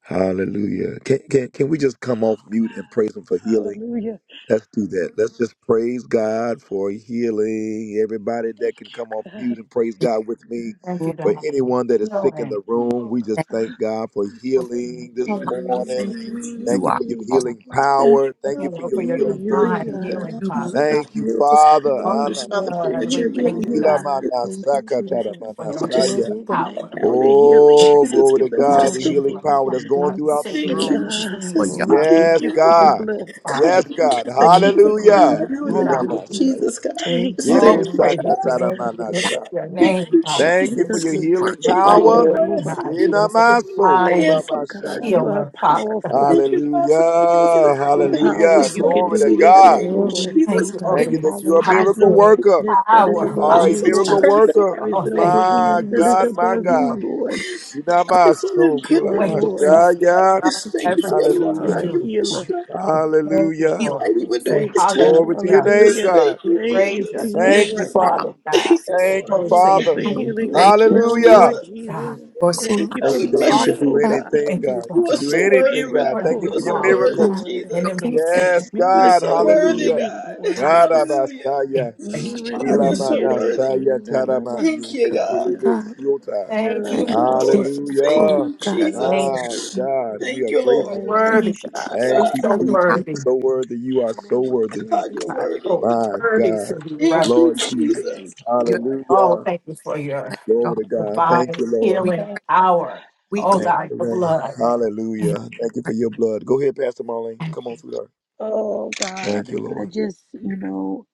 Speaker 2: Hallelujah. Can, can, can we just come off mute and praise Him for healing?
Speaker 1: Hallelujah.
Speaker 2: Let's do that. Let's just praise God for healing. Everybody
Speaker 1: Thank
Speaker 2: that can
Speaker 1: you,
Speaker 2: come off mute
Speaker 1: God.
Speaker 2: and praise God with me.
Speaker 3: Thank you,
Speaker 4: Lord,
Speaker 2: For
Speaker 3: God, for
Speaker 2: anyone that is sick in the
Speaker 3: healing.
Speaker 2: room,
Speaker 1: Oh,
Speaker 2: we just
Speaker 1: God.
Speaker 2: thank God for
Speaker 3: Thank
Speaker 2: healing this
Speaker 9: We
Speaker 2: morning.
Speaker 9: Thank
Speaker 8: Thank you,
Speaker 9: you, Jesus.
Speaker 2: Thank
Speaker 4: you
Speaker 2: you
Speaker 4: are
Speaker 2: for your
Speaker 1: Mm.
Speaker 2: healing
Speaker 9: Thank
Speaker 2: power. Thank
Speaker 9: you,
Speaker 3: you,
Speaker 2: you
Speaker 9: God,
Speaker 2: for
Speaker 1: Thank
Speaker 3: Lord,
Speaker 9: for
Speaker 2: your
Speaker 3: for
Speaker 1: you
Speaker 3: your
Speaker 1: for
Speaker 9: healing,
Speaker 2: healing
Speaker 8: Thank
Speaker 1: healing,
Speaker 9: body,
Speaker 8: you,
Speaker 3: divine
Speaker 2: virtue.
Speaker 9: Father
Speaker 8: God.
Speaker 1: God.
Speaker 9: God.
Speaker 3: healing,
Speaker 9: We know
Speaker 3: Father God.
Speaker 9: that
Speaker 2: Thank
Speaker 9: you
Speaker 2: you,
Speaker 9: miracles,
Speaker 2: Father.
Speaker 9: signs, the
Speaker 3: Oh, your
Speaker 9: wonders,
Speaker 2: Ana
Speaker 1: Thank
Speaker 9: Father
Speaker 1: you for
Speaker 9: God,
Speaker 2: masa-
Speaker 3: blood,
Speaker 9: that
Speaker 3: we
Speaker 9: you're
Speaker 1: healing.
Speaker 3: thank
Speaker 9: healing
Speaker 3: you,
Speaker 9: here. in
Speaker 2: ila
Speaker 9: the
Speaker 3: God,
Speaker 8: Hallelujah.
Speaker 9: spirit.
Speaker 8: Thank
Speaker 2: manasa
Speaker 8: you,
Speaker 3: We thank
Speaker 2: katara
Speaker 1: Thank
Speaker 8: Jesus.
Speaker 1: you.
Speaker 3: you for
Speaker 9: God, we
Speaker 3: your
Speaker 9: just
Speaker 8: Glory,
Speaker 2: manasaya.
Speaker 9: thank
Speaker 3: healing
Speaker 8: to
Speaker 9: you
Speaker 8: God.
Speaker 1: Thank
Speaker 9: right
Speaker 3: power.
Speaker 9: now.
Speaker 1: you
Speaker 9: in
Speaker 1: for
Speaker 9: the name of
Speaker 1: healing.
Speaker 3: We thank
Speaker 2: Oh,
Speaker 3: you
Speaker 1: Thank
Speaker 9: Jesus,
Speaker 2: glory
Speaker 1: you
Speaker 9: God,
Speaker 2: to
Speaker 3: for
Speaker 1: for
Speaker 9: we
Speaker 3: your
Speaker 2: God,
Speaker 9: just
Speaker 2: the
Speaker 9: go.
Speaker 1: touching.
Speaker 2: healing
Speaker 3: deliverance
Speaker 2: power
Speaker 8: Hallelujah.
Speaker 2: that's
Speaker 3: from
Speaker 2: going
Speaker 3: God,
Speaker 8: Thank you,
Speaker 2: throughout this
Speaker 1: Thank you,
Speaker 3: sickness
Speaker 9: Thank
Speaker 8: Jesus.
Speaker 2: room.
Speaker 9: you,
Speaker 3: and
Speaker 1: God.
Speaker 4: for
Speaker 9: Jesus.
Speaker 3: disease,
Speaker 4: your
Speaker 8: Glory,
Speaker 9: Thank
Speaker 8: to
Speaker 3: Father.
Speaker 9: you
Speaker 1: Thank
Speaker 8: God.
Speaker 9: right
Speaker 2: Yes,
Speaker 1: you for
Speaker 9: now.
Speaker 1: your
Speaker 3: Thank you,
Speaker 2: God.
Speaker 1: blood.
Speaker 9: God,
Speaker 3: Father,
Speaker 2: Yes,
Speaker 9: that we can
Speaker 2: God.
Speaker 9: cast that
Speaker 1: Thank
Speaker 8: Thank
Speaker 9: cares
Speaker 8: you,
Speaker 1: you,
Speaker 9: upon
Speaker 8: Lord
Speaker 9: you
Speaker 2: Hallelujah.
Speaker 1: God.
Speaker 9: right
Speaker 8: God.
Speaker 3: Thank
Speaker 9: now in
Speaker 3: you,
Speaker 9: the
Speaker 2: Ina
Speaker 9: name
Speaker 3: God.
Speaker 9: of
Speaker 2: masaya.
Speaker 8: Hallelujah.
Speaker 9: Jesus, God.
Speaker 1: Thank
Speaker 8: Thank
Speaker 9: Just
Speaker 1: you,
Speaker 8: you,
Speaker 3: Oh,
Speaker 2: Ibe
Speaker 9: thank
Speaker 3: we
Speaker 1: Lord
Speaker 9: you.
Speaker 8: God.
Speaker 3: praise your
Speaker 1: Jesus.
Speaker 2: sakatara
Speaker 3: name. We lift up
Speaker 2: manasha.
Speaker 3: your
Speaker 4: guiding
Speaker 9: Thank
Speaker 1: Thank
Speaker 3: name,
Speaker 9: you,
Speaker 8: Yes,
Speaker 1: you,
Speaker 3: Father.
Speaker 2: Thank you for
Speaker 8: Lord
Speaker 9: Jesus.
Speaker 1: Jesus,
Speaker 2: your
Speaker 1: for
Speaker 8: God.
Speaker 4: work
Speaker 2: healing
Speaker 1: touching
Speaker 9: Thank you,
Speaker 1: right
Speaker 3: Oh, we
Speaker 2: power.
Speaker 1: now,
Speaker 9: Lord. I
Speaker 1: Lord.
Speaker 9: thank
Speaker 3: recognize
Speaker 9: you
Speaker 3: you
Speaker 9: for
Speaker 2: Ina
Speaker 3: as a
Speaker 2: maso
Speaker 9: your land,
Speaker 2: kula
Speaker 3: divine
Speaker 1: Thank
Speaker 9: Father
Speaker 1: you, God.
Speaker 9: God.
Speaker 2: mashaya.
Speaker 1: You are
Speaker 3: healer, Father God.
Speaker 1: powerful.
Speaker 9: Thank you, God, for touching us
Speaker 1: You
Speaker 9: from the
Speaker 2: Hallelujah.
Speaker 1: have
Speaker 9: crown of
Speaker 1: all
Speaker 9: the head to
Speaker 1: power.
Speaker 9: the
Speaker 2: Hallelujah.
Speaker 1: You
Speaker 9: soul
Speaker 8: Yes.
Speaker 1: can
Speaker 9: of
Speaker 2: Glory
Speaker 9: the
Speaker 1: do
Speaker 2: to
Speaker 9: feet in the
Speaker 2: God.
Speaker 1: anything,
Speaker 9: name of
Speaker 1: Lord.
Speaker 8: Glory
Speaker 3: Thank
Speaker 9: Jesus,
Speaker 8: to
Speaker 3: you,
Speaker 9: God.
Speaker 3: Lord,
Speaker 8: God.
Speaker 3: for
Speaker 2: Thank
Speaker 4: in
Speaker 2: you
Speaker 4: the
Speaker 3: your
Speaker 2: that you're a
Speaker 1: There
Speaker 4: tribe
Speaker 1: is
Speaker 8: Hallelujah.
Speaker 2: miracle
Speaker 1: no
Speaker 3: sovereignty,
Speaker 2: worker.
Speaker 1: sickness that is
Speaker 2: You
Speaker 3: power,
Speaker 1: above
Speaker 2: are
Speaker 9: Thank you
Speaker 2: a
Speaker 3: Father
Speaker 8: Thank
Speaker 1: you,
Speaker 9: for
Speaker 8: you,
Speaker 2: miracle
Speaker 3: God.
Speaker 9: turning
Speaker 1: Lord.
Speaker 9: it
Speaker 8: Jesus.
Speaker 2: worker.
Speaker 1: There
Speaker 9: around in
Speaker 1: is
Speaker 3: Oh,
Speaker 9: the
Speaker 1: no
Speaker 9: name
Speaker 3: thank
Speaker 9: of
Speaker 3: you,
Speaker 1: disease
Speaker 2: My
Speaker 3: Lord,
Speaker 1: that
Speaker 9: Jesus.
Speaker 1: is
Speaker 2: God,
Speaker 8: Yes.
Speaker 9: God.
Speaker 2: my
Speaker 3: for
Speaker 1: above
Speaker 3: your
Speaker 1: you,
Speaker 2: God.
Speaker 1: Lord.
Speaker 2: You're not
Speaker 9: Thank
Speaker 2: my
Speaker 9: you for the
Speaker 2: soul.
Speaker 9: good
Speaker 1: You
Speaker 2: cool. i
Speaker 1: are
Speaker 3: way,
Speaker 9: report,
Speaker 1: Lord.
Speaker 3: Father,
Speaker 9: Father
Speaker 8: Yes,
Speaker 9: God. I
Speaker 8: God, for
Speaker 9: just thank you for your
Speaker 3: everything
Speaker 8: Jesus.
Speaker 1: You
Speaker 3: that
Speaker 9: love.
Speaker 3: you
Speaker 1: are our
Speaker 8: Mm.
Speaker 2: Hallelujah.
Speaker 9: for
Speaker 3: do,
Speaker 9: your
Speaker 1: healer.
Speaker 3: Father
Speaker 9: strength.
Speaker 3: God. We Thank you,
Speaker 4: healing
Speaker 2: Hallelujah.
Speaker 3: Lord.
Speaker 1: And
Speaker 9: Like we
Speaker 1: we
Speaker 9: were doing
Speaker 3: Say
Speaker 1: thank
Speaker 9: this
Speaker 1: you.
Speaker 9: time.
Speaker 2: Glory to your
Speaker 9: I
Speaker 3: hallelujah.
Speaker 2: name,
Speaker 9: just
Speaker 1: Hallelujah.
Speaker 9: thank
Speaker 2: God.
Speaker 9: you,
Speaker 1: Thank you
Speaker 3: Praise
Speaker 1: for
Speaker 3: your
Speaker 8: So God,
Speaker 1: healing
Speaker 2: Thank
Speaker 3: name,
Speaker 2: you,
Speaker 1: right
Speaker 9: Jesus.
Speaker 4: for
Speaker 8: for
Speaker 4: a
Speaker 3: Father
Speaker 2: Father.
Speaker 1: now.
Speaker 9: Thank
Speaker 3: God.
Speaker 9: you,
Speaker 8: Jesus.
Speaker 2: Thank
Speaker 9: Lord.
Speaker 2: you,
Speaker 3: Glory
Speaker 1: Thank
Speaker 3: to your
Speaker 1: you for
Speaker 2: Father.
Speaker 8: Hallelujah.
Speaker 3: name,
Speaker 1: healing
Speaker 4: thank
Speaker 1: right
Speaker 9: Thank you,
Speaker 1: now,
Speaker 8: God,
Speaker 1: Lord
Speaker 2: Hallelujah.
Speaker 9: Jesus.
Speaker 1: Jesus.
Speaker 3: God.
Speaker 4: for
Speaker 8: glory,
Speaker 1: Thank
Speaker 4: supply
Speaker 1: you
Speaker 9: God,
Speaker 1: for
Speaker 2: Thank you
Speaker 9: we
Speaker 8: to
Speaker 2: that you
Speaker 4: all
Speaker 9: bless
Speaker 4: of
Speaker 2: can
Speaker 9: your
Speaker 8: Jesus.
Speaker 2: do
Speaker 9: name,
Speaker 1: miracle,
Speaker 8: God,
Speaker 9: God.
Speaker 1: God.
Speaker 2: anything,
Speaker 3: Thank
Speaker 8: thank you,
Speaker 2: God.
Speaker 3: you,
Speaker 2: You
Speaker 3: God,
Speaker 9: You
Speaker 8: thank
Speaker 9: are
Speaker 2: can
Speaker 8: you,
Speaker 2: do
Speaker 9: so
Speaker 8: Jesus.
Speaker 2: anything,
Speaker 9: worthy, God.
Speaker 2: God.
Speaker 3: for the
Speaker 2: Thank
Speaker 1: Miracle
Speaker 2: you
Speaker 9: You are
Speaker 2: for your
Speaker 9: so
Speaker 8: Oh,
Speaker 1: healing,
Speaker 3: mountain.
Speaker 9: worthy,
Speaker 8: God.
Speaker 2: miracles.
Speaker 1: Lord.
Speaker 9: Jesus.
Speaker 3: And
Speaker 4: your
Speaker 8: So, so,
Speaker 4: connections,
Speaker 2: Yes,
Speaker 8: good,
Speaker 9: You are
Speaker 2: God.
Speaker 9: so
Speaker 1: Miracle
Speaker 9: worthy,
Speaker 2: Hallelujah.
Speaker 1: healing,
Speaker 9: God.
Speaker 4: God,
Speaker 1: God.
Speaker 8: Jesus.
Speaker 9: Hallelujah.
Speaker 3: it-
Speaker 2: God,
Speaker 3: thank you,
Speaker 9: God,
Speaker 3: Father.
Speaker 4: healing.
Speaker 1: Miracle
Speaker 8: Hallelujah.
Speaker 9: you're
Speaker 8: Thank
Speaker 9: so
Speaker 2: Ilamana
Speaker 1: healing.
Speaker 9: worthy.
Speaker 2: saya
Speaker 5: I'm
Speaker 2: taramani
Speaker 9: Thank you, God.
Speaker 8: you,
Speaker 1: Yananamasikandia.
Speaker 2: usikilime
Speaker 8: God.
Speaker 2: siota.
Speaker 3: Thank
Speaker 8: Thank
Speaker 3: you,
Speaker 9: Thank
Speaker 4: Yes,
Speaker 9: you,
Speaker 8: you,
Speaker 3: Lord.
Speaker 1: Yalalabas-
Speaker 9: Lord.
Speaker 8: Jesus.
Speaker 9: Thank
Speaker 8: Glory,
Speaker 2: Hallelujah.
Speaker 9: you,
Speaker 8: God.
Speaker 3: Your
Speaker 1: Yalalabos.
Speaker 3: name,
Speaker 2: My
Speaker 9: Jesus.
Speaker 2: God, we
Speaker 9: Thank
Speaker 2: are
Speaker 9: you,
Speaker 1: In the
Speaker 9: Lord.
Speaker 2: grateful.
Speaker 1: name
Speaker 4: you
Speaker 1: of
Speaker 3: worthy
Speaker 8: Thank you,
Speaker 3: God.
Speaker 8: Jesus.
Speaker 1: Jesus.
Speaker 2: Thank
Speaker 3: You're
Speaker 9: God,
Speaker 2: you,
Speaker 3: so
Speaker 4: power
Speaker 2: Jesus. You're
Speaker 8: Hallelujah.
Speaker 3: worthy.
Speaker 2: So worthy.
Speaker 1: In
Speaker 2: You are
Speaker 1: the
Speaker 2: so
Speaker 1: name of
Speaker 2: worthy.
Speaker 9: God,
Speaker 1: Jesus.
Speaker 9: you're
Speaker 3: God,
Speaker 9: worthy.
Speaker 3: Oh,
Speaker 2: My
Speaker 3: worthy to
Speaker 2: God.
Speaker 3: be
Speaker 4: over
Speaker 9: Thank
Speaker 3: reverent.
Speaker 9: you,
Speaker 2: Lord Jesus.
Speaker 9: Jesus.
Speaker 1: Thank you,
Speaker 4: your
Speaker 1: Lord.
Speaker 3: Oh,
Speaker 2: Hallelujah.
Speaker 3: thank you for
Speaker 1: Thank you,
Speaker 3: your
Speaker 4: flesh,
Speaker 1: Jesus.
Speaker 4: your
Speaker 2: Glory
Speaker 4: heart.
Speaker 2: to God. Thank
Speaker 3: divine
Speaker 2: you, Lord.
Speaker 4: We,
Speaker 3: healing
Speaker 1: Thank you, God.
Speaker 3: power.
Speaker 4: we
Speaker 3: Oh,
Speaker 2: Thank
Speaker 4: glorify.
Speaker 3: God,
Speaker 2: you,
Speaker 3: your
Speaker 2: Lord.
Speaker 3: blood.
Speaker 2: Hallelujah. Thank you for your blood. Go ahead, Pastor Marlene. Come on, sweetheart.
Speaker 1: Oh God,
Speaker 2: Thank you,
Speaker 1: I
Speaker 2: Lord.
Speaker 1: just, you know,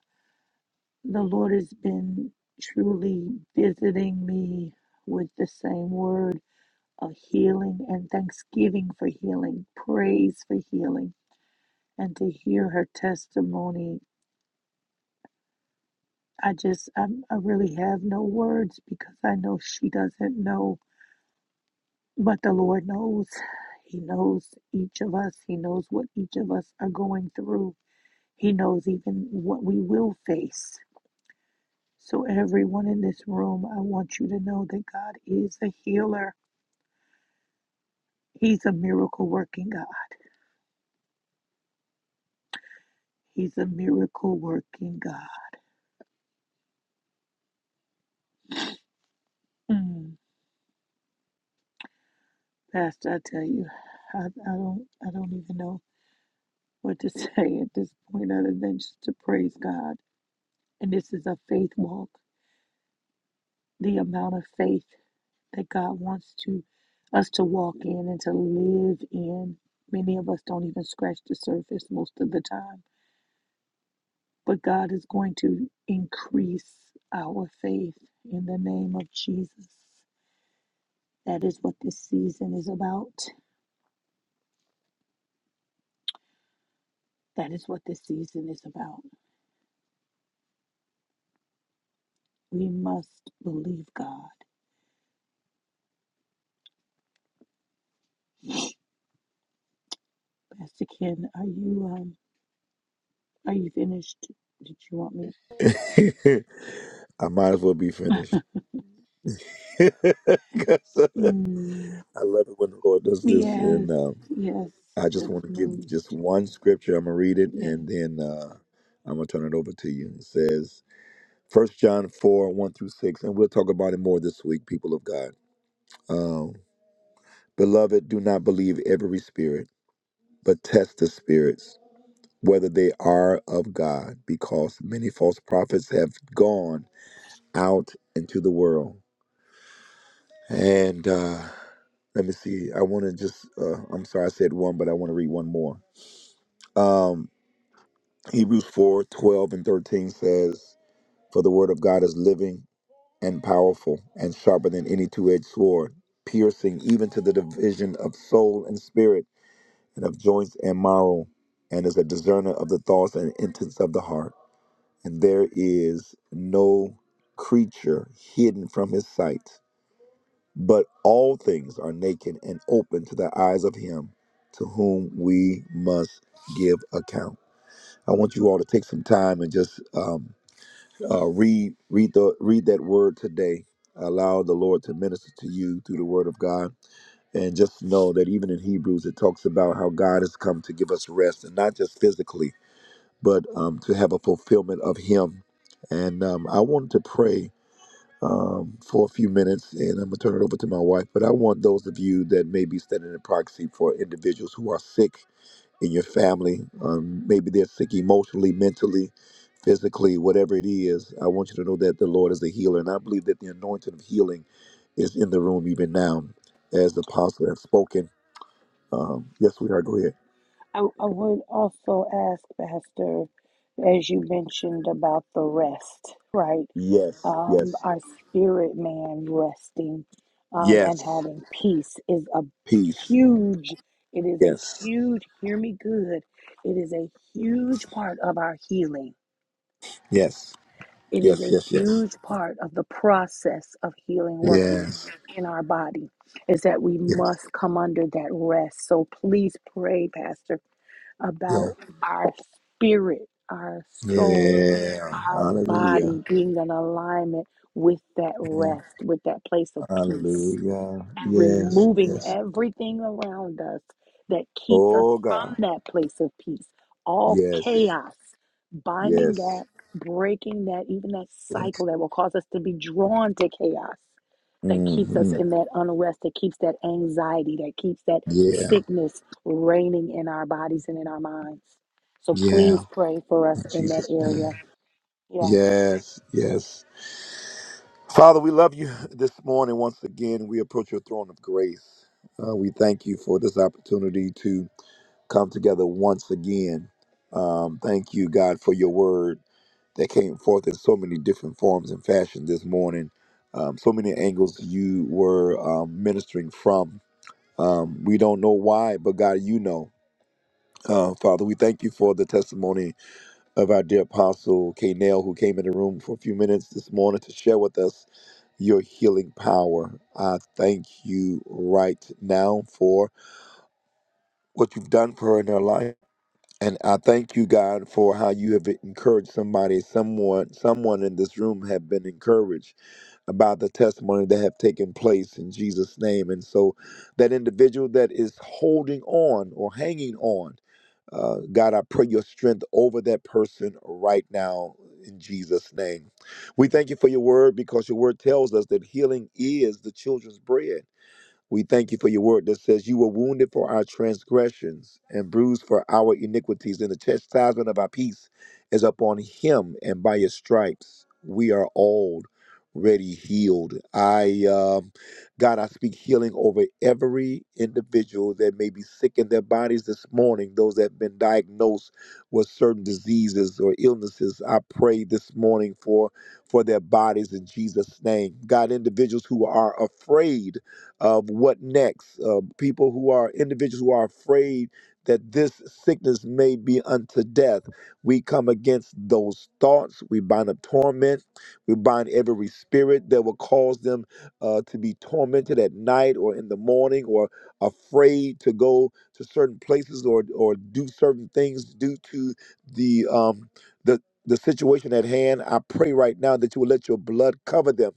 Speaker 1: the Lord has been truly visiting me with the same word of healing and thanksgiving for healing, praise for healing, and to hear her testimony. I just, I'm, I really have no words because I know she doesn't know, but the Lord knows. He knows each of us, He knows what each of us are going through, He knows even what we will face. So, everyone in this room, I want you to know that God is a healer. He's a miracle working God. He's a miracle working God. Mm. Pastor, I tell you, I, I don't, I don't even know what to say at this point other than just to praise God. And this is a faith walk. The amount of faith that God wants to us to walk in and to live in. Many of us don't even scratch the surface most of the time But God is going to increase our faith in the name of Jesus. That is what this season is about. That is what this season is about. We must believe God. Pastor Ken, are you um are you finished? Did you want me?
Speaker 2: I might as well be finished. 'Cause
Speaker 1: Mm,
Speaker 2: I love it when the Lord does this, and
Speaker 1: yes,
Speaker 2: um,
Speaker 1: yes.
Speaker 2: I just
Speaker 1: Just
Speaker 2: want to give
Speaker 1: move.
Speaker 2: just one scripture. I'm gonna read it,
Speaker 1: Yeah.
Speaker 2: and then uh, I'm gonna turn it over to you. It says First John four one through six, and we'll talk about it more this week, people of God. Um, Beloved, do not believe every spirit, but test the spirits whether they are of God, because many false prophets have gone out into the world. And uh, let me see. I want to just. Uh, I'm sorry, I said one, but I want to read one more. Um, Hebrews 4 12 and 13 says, For the word of God is living and powerful and sharper than any two edged sword, piercing even to the division of soul and spirit and of joints and marrow, and is a discerner of the thoughts and intents of the heart. And there is no creature hidden from his sight, but all things are naked and open to the eyes of him to whom we must give account. I want you all to take some time and just um, uh, read read the read that word today. Allow the Lord to minister to you through the Word of God, and just know that even in Hebrews it talks about how God has come to give us rest, and not just physically, but um, to have a fulfillment of Him. And um, I wanted to pray um, for a few minutes, and I'm gonna turn it over to my wife. But I want those of you that may be standing in proxy for individuals who are sick in your family. Um, maybe they're sick emotionally, mentally, physically, whatever it is. I want you to know that the Lord is a healer. And I believe that the anointing of healing is in the room even now, as the apostle has spoken. Um, yes, we are. Go ahead.
Speaker 1: I, I would also ask, Pastor, as you mentioned about the rest, right?
Speaker 2: Yes,
Speaker 1: Um,
Speaker 2: yes,
Speaker 1: our spirit man resting um, and
Speaker 2: yes.
Speaker 1: having peace is a
Speaker 2: Peace.
Speaker 1: huge, it is a
Speaker 2: Yes,
Speaker 1: huge, hear me good, it is a huge part of our healing.
Speaker 2: yes,
Speaker 1: It
Speaker 2: yes,
Speaker 1: is a
Speaker 2: yes, yes.
Speaker 1: huge part of the process of healing working
Speaker 2: Yes,
Speaker 1: in our body, is that we
Speaker 2: yes,
Speaker 1: must come under that rest. So please pray, Pastor
Speaker 2: yeah,
Speaker 1: about our spirit, our soul,
Speaker 2: yeah.
Speaker 1: our
Speaker 2: Hallelujah.
Speaker 1: body being in alignment with that
Speaker 2: Yeah,
Speaker 1: rest, with that place of peace
Speaker 2: hallelujah.
Speaker 1: and
Speaker 2: Yes,
Speaker 1: removing
Speaker 2: yes.
Speaker 1: everything around us that keeps us
Speaker 2: Oh, God.
Speaker 1: from that place of peace. All
Speaker 2: Yes.
Speaker 1: chaos, binding
Speaker 2: Yes.
Speaker 1: that, breaking that, even that
Speaker 2: Yes.
Speaker 1: cycle that will cause us to be drawn to chaos, that keeps us
Speaker 2: hmm
Speaker 1: in that unrest, that keeps that anxiety, that keeps that
Speaker 2: Yeah.
Speaker 1: sickness reigning in our bodies and in our minds. So
Speaker 2: Yeah.
Speaker 1: please pray for us
Speaker 2: In
Speaker 1: in that
Speaker 2: Jesus' name.
Speaker 1: area. Yeah.
Speaker 2: Yes. Yes. Father, we love you this morning once again. We approach your throne of grace. Uh, we thank you for this opportunity to come together once again. Um, thank you, God, for your word that came forth in so many different forms and fashion this morning. Um, so many angles you were um, ministering from. Um, we don't know why, but God, you know. Uh, Father, we thank you for the testimony of our dear apostle K. Nail, who came in the room for a few minutes this morning to share with us your healing power. I thank you right now for what you've done for her in her life. And I thank you, God, for how you have encouraged somebody, someone, someone in this room have been encouraged about the testimony that have taken place in Jesus' name. And so that individual that is holding on or hanging on uh, God, I pray your strength over that person right now in Jesus' name. We thank you for your word because your word tells us that healing is the children's bread. We thank you for your word that says you were wounded for our transgressions and bruised for our iniquities, and the chastisement of our peace is upon him, and by his stripes we are already healed. I, um God, I speak healing over every individual that may be sick in their bodies this morning, those that have been diagnosed with certain diseases or illnesses. I pray this morning for for their bodies in Jesus' name. God, individuals who are afraid of what next. Uh, people who are individuals who are afraid that this sickness may be unto death. We come against those thoughts. We bind up torment. We bind every spirit that will cause them uh, to be tormented at night or in the morning or afraid to go to certain places or or do certain things due to the um the the situation at hand. I pray right now that you will let your blood cover them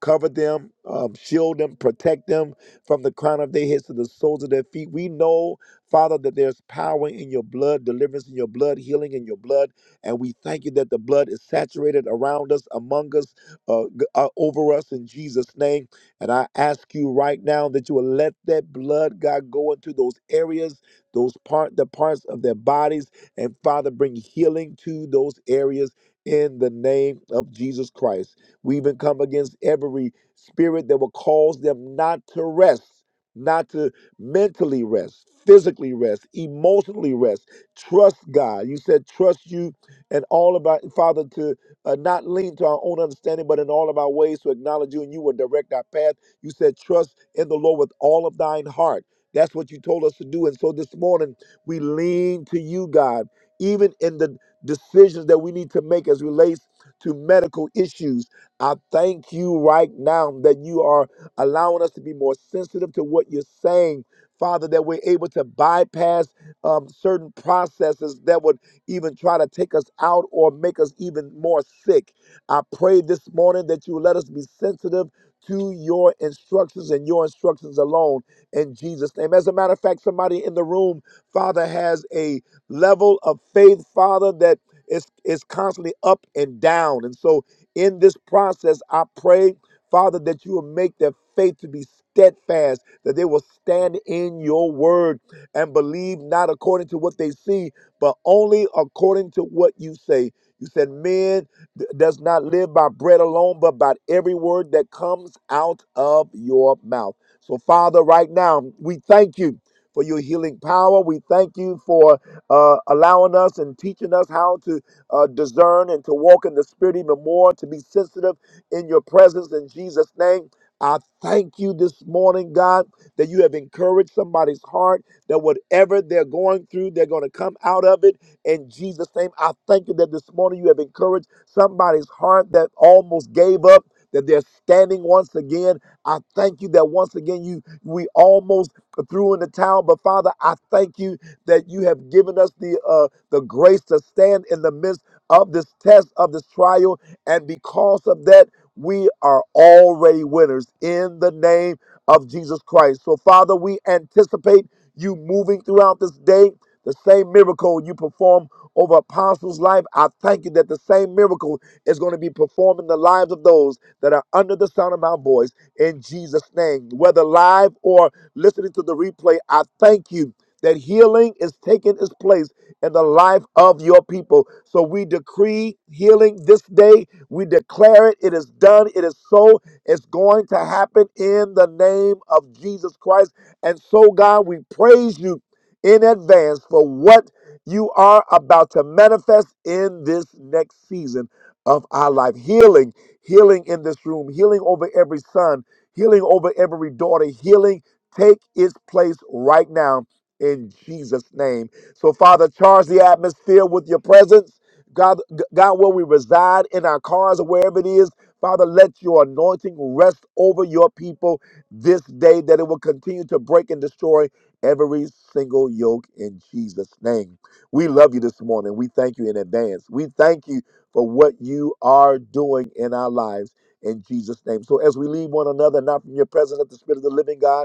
Speaker 2: Cover them, um, shield them, protect them from the crown of their heads to the soles of their feet. We know, Father, that there's power in your blood, deliverance in your blood, healing in your blood. And we thank you that the blood is saturated around us, among us, uh, g- uh, over us in Jesus' name. And I ask you right now that you will let that blood, God, go into those areas, those part, the parts of their bodies, and Father, bring healing to those areas in the name of Jesus Christ. We even come against every spirit that will cause them not to rest, not to mentally rest, physically rest, emotionally rest. Trust God. You said, trust you and all about, Father, to uh, not lean to our own understanding, but in all of our ways to acknowledge you and you will direct our path. You said, trust in the Lord with all of thine heart. That's what you told us to do. And so this morning, we lean to you, God, even in the decisions that we need to make as relates to medical issues I thank you right now that you are allowing us to be more sensitive to what you're saying, Father, that we're able to bypass um, certain processes that would even try to take us out or make us even more sick. I pray this morning that you let us be sensitive to your instructions and your instructions alone in Jesus' name. As a matter of fact, somebody in the room, Father, has a level of faith, Father, that is, is constantly up and down. And so in this process, I pray, Father, that you will make their faith to be steadfast, that they will stand in your word and believe not according to what they see, but only according to what you say. You said, Man d- does not live by bread alone, but by every word that comes out of your mouth. So, Father, right now, we thank you for your healing power. We thank you for uh, allowing us and teaching us how to uh, discern and to walk in the Spirit even more, to be sensitive in your presence in Jesus' name. I thank you this morning, God, that you have encouraged somebody's heart, that whatever they're going through, they're going to come out of it in Jesus' name. I thank you that this morning you have encouraged somebody's heart that almost gave up, that they're standing once again. I thank you that once again you we almost threw in the towel, but Father, I thank you that you have given us the uh, the grace to stand in the midst of this test, of this trial. And because of that, we are already winners in the name of Jesus Christ. So, Father, we anticipate you moving throughout this day. The same miracle you perform over Apostles' life, I thank you that the same miracle is going to be performed in the lives of those that are under the sound of my voice in Jesus' name. Whether live or listening to the replay, I thank you that healing is taking its place in the life of your people. So we decree healing this day. We declare it. It is done. It is so. It's going to happen in the name of Jesus Christ. And so, God, we praise you in advance for what you are about to manifest in this next season of our life. Healing, healing in this room, healing over every son, healing over every daughter, healing take its place right now in Jesus' name. So, Father, charge the atmosphere with your presence. God, God, where we reside in our cars or wherever it is, Father, let your anointing rest over your people this day, that it will continue to break and destroy every single yoke in Jesus' name. We love you this morning. We thank you in advance. We thank you for what you are doing in our lives in Jesus' name. So as we leave one another, not from your presence of the Spirit of the living God,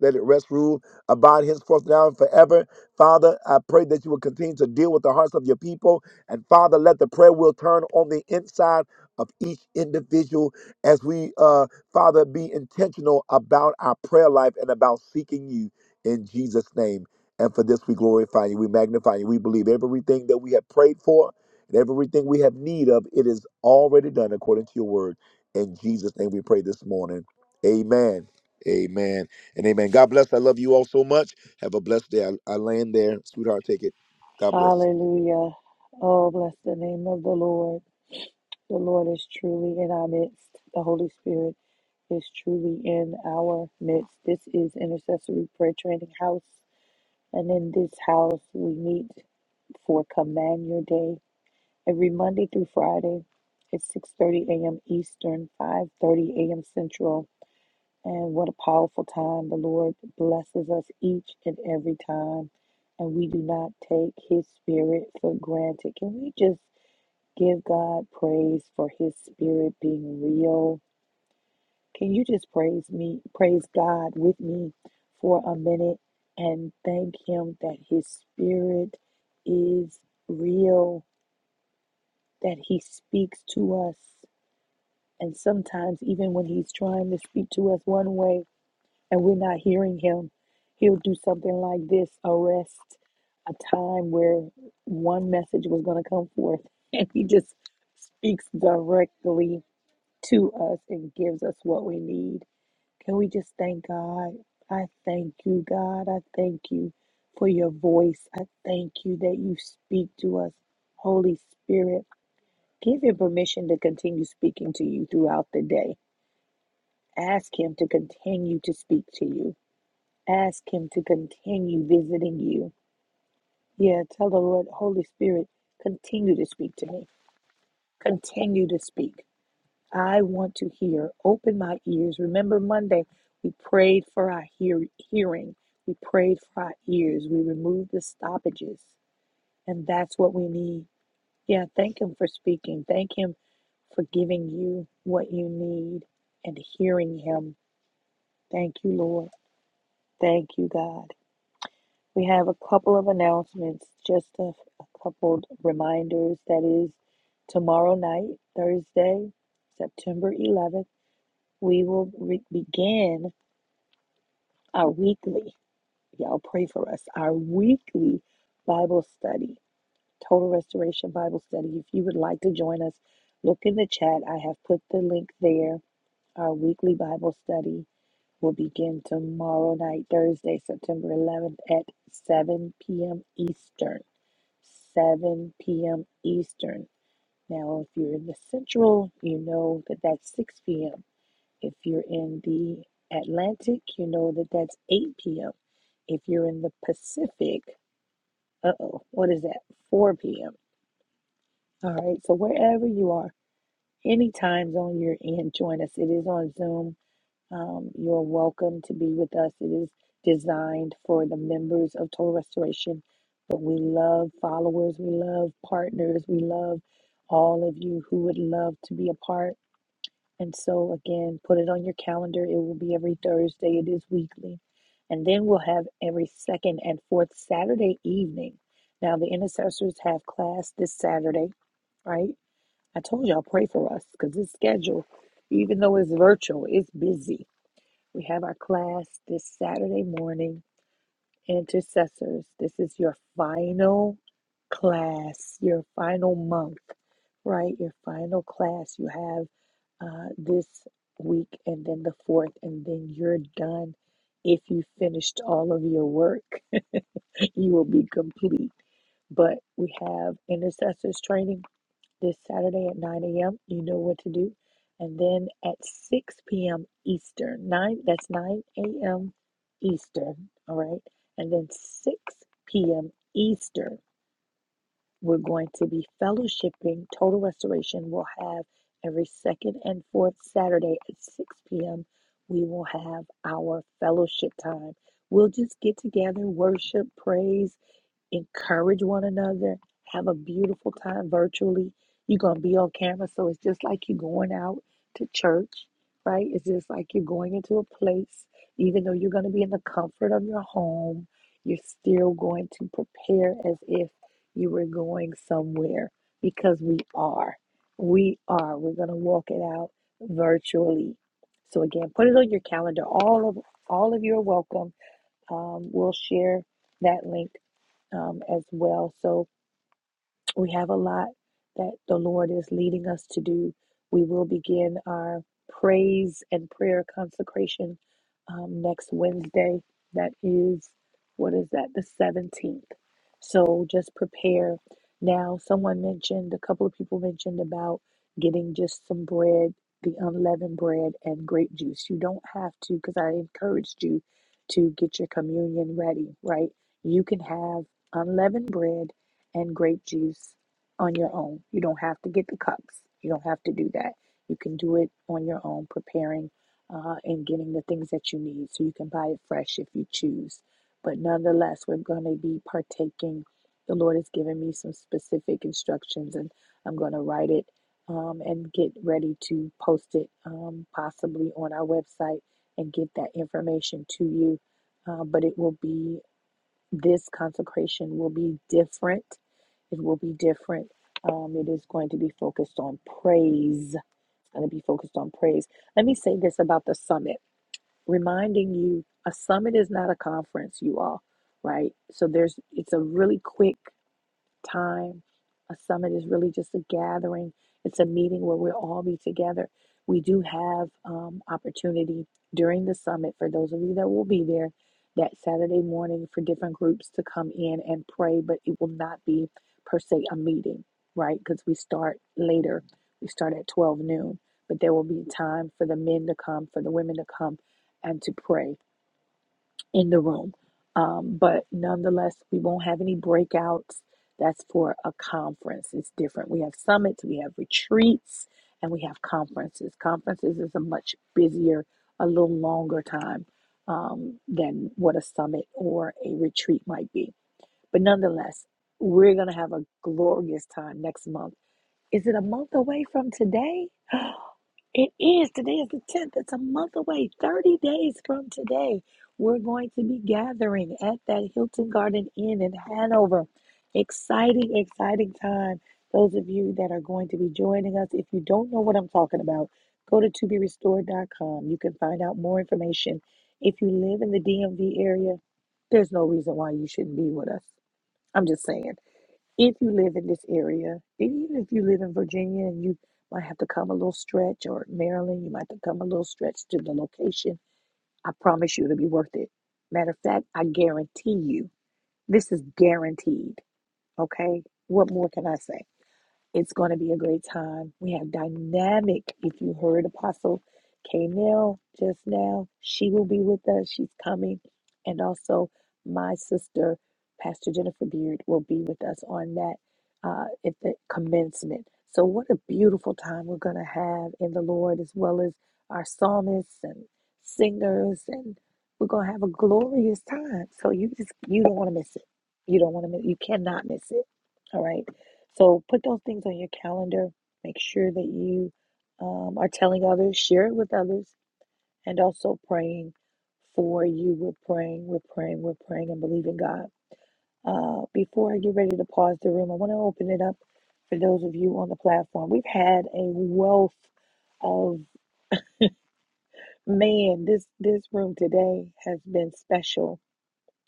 Speaker 2: let it rest, rule, abide henceforth now and forever. Father, I pray that you will continue to deal with the hearts of your people. And Father, let the prayer wheel turn on the inside of each individual as we, uh, Father, be intentional about our prayer life and about seeking you in Jesus' name. And for this, we glorify you, we magnify you, we believe everything that we have prayed for and everything we have need of, it is already done according to your word. In Jesus' name, we pray this morning. Amen. Amen. And amen. God bless. I love you all so much. Have a blessed day. I, I land there. Sweetheart, take it. God bless.
Speaker 1: Hallelujah. Oh, bless the name of the Lord. The Lord is truly in our midst. The Holy Spirit is truly in our midst. This is Intercessory Prayer Training House. And in this house, we meet for Command Your Day every Monday through Friday at 6.30 a.m. Eastern, 5.30 a.m. Central. And what a powerful time. The Lord blesses us each and every time. And we do not take His Spirit for granted. Can we just Give God praise for his spirit being real. Can you just praise me, praise God with me for a minute and thank him that his spirit is real, that he speaks to us. And sometimes, even when he's trying to speak to us one way and we're not hearing him, he'll do something like this arrest a time where one message was going to come forth, and he just speaks directly to us and gives us what we need. Can we just thank God? I thank you, God. I thank you for your voice. I thank you that you speak to us. Holy Spirit, give him permission to continue speaking to you throughout the day. Ask him to continue to speak to you. Ask him to continue visiting you. Yeah, tell the Lord, Holy Spirit, continue to speak to me. Continue to speak. I want to hear. Open my ears. Remember Monday, we prayed for our hear- hearing. We prayed for our ears. We removed the stoppages. And that's what we need. Yeah, thank Him for speaking. Thank Him for giving you what you need and hearing Him. Thank you, Lord. Thank you, God. We have a couple of announcements, just a, a couple reminders. That is tomorrow night, Thursday, September 11th. We will re- begin our weekly, y'all pray for us, our weekly Bible study, Total Restoration Bible Study. If you would like to join us, look in the chat. I have put the link there. Our weekly Bible study will begin tomorrow night, Thursday, September 11th at 7 p.m. Eastern. 7 p.m. Eastern. Now, if you're in the Central, you know that that's 6 p.m. If you're in the Atlantic, you know that that's 8 p.m. If you're in the Pacific, uh oh, what is that? 4 p.m. All right, so wherever you are, any time zone you're in, join us. It is on Zoom. Um, you're welcome to be with us. It is designed for the members of Total Restoration, but we love followers, we love partners, we love all of you who would love to be a part. And so, again, put it on your calendar. It will be every Thursday, it is weekly. And then we'll have every second and fourth Saturday evening. Now, the intercessors have class this Saturday, right? I told y'all, pray for us because this schedule, even though it's virtual, it's busy. We have our class this Saturday morning Intercessors, this is your final class, your final month, right? Your final class. You have uh, this week and then the fourth, and then you're done. If you finished all of your work, you will be complete. But we have intercessors training this Saturday at 9 a.m. You know what to do. And then at 6 p.m. Eastern, 9, that's 9 a.m. Eastern, all right? And then 6 p.m. Eastern, we're going to be fellowshipping. Total Restoration will have every second and fourth Saturday at 6 p.m. We will have our fellowship time. We'll just get together, worship, praise, encourage one another, have a beautiful time virtually. You're going to be on camera, so it's just like you're going out to church, right? It's just like you're going into a place, even though you're going to be in the comfort of your home, you're still going to prepare as if you were going somewhere because we are. We are. We're going to walk it out virtually. So again, put it on your calendar. All of all of you are welcome. Um, we'll share that link um, as well. So we have a lot that the Lord is leading us to do. We will begin our praise and prayer consecration um, next Wednesday. That is, what is that, the 17th. So just prepare. Now, someone mentioned, a couple of people mentioned about getting just some bread, the unleavened bread, and grape juice. You don't have to, because I encouraged you to get your communion ready, right? You can have unleavened bread and grape juice on your own. You don't have to get the cups. You don't have to do that. You can do it on your own, preparing uh, and getting the things that you need. So you can buy it fresh if you choose. But nonetheless, we're going to be partaking. The Lord has given me some specific instructions, and I'm going to write it um, and get ready to post it um, possibly on our website and get that information to you. Uh, but it will be this consecration will be different. It will be different. Um, it is going to be focused on praise. It's going to be focused on praise. Let me say this about the summit, reminding you a summit is not a conference, you all, right? So there's it's a really quick time. A summit is really just a gathering, it's a meeting where we'll all be together. We do have um, opportunity during the summit for those of you that will be there that Saturday morning for different groups to come in and pray, but it will not be per se a meeting, right? Because we start later, we start at 12 noon, but there will be time for the men to come, for the women to come, and to pray in the room. Um, but nonetheless, we won't have any breakouts. That's for a conference. It's different. We have summits, we have retreats, and we have conferences. Conferences is a much busier, a little longer time um, than what a summit or a retreat might be. But nonetheless, we're going to have a glorious time next month. Is it a month away from today? It is. Today is the 10th. It's a month away. 30 days from today, we're going to be gathering at that Hilton Garden Inn in Hanover. Exciting, exciting time. Those of you that are going to be joining us, if you don't know what I'm talking about, go to to be restored. dot com. You can find out more information. If you live in the DMV area, there's no reason why you shouldn't be with us. I'm just saying if you live in this area, even if you live in Virginia and you might have to come a little stretch, or Maryland, you might have to come a little stretch to the location, I promise you it'll be worth it. Matter of fact, I guarantee you, this is guaranteed. Okay? What more can I say? It's going to be a great time. We have Dynamic. If you heard Apostle K. just now, she will be with us. She's coming. And also, my sister, Pastor Jennifer Beard, will be with us on that uh, at the commencement. So, what a beautiful time we're going to have in the Lord, as well as our psalmists and singers. And we're going to have a glorious time. So, you just, you don't want to miss it. You don't want to miss You cannot miss it. All right. So put those things on your calendar. Make sure that you um, are telling others, share it with others, and also praying for you. We're praying, we're praying, we're praying, and believing God. Uh, before I get ready to pause the room, I want to open it up for those of you on the platform. We've had a wealth of man. This this room today has been special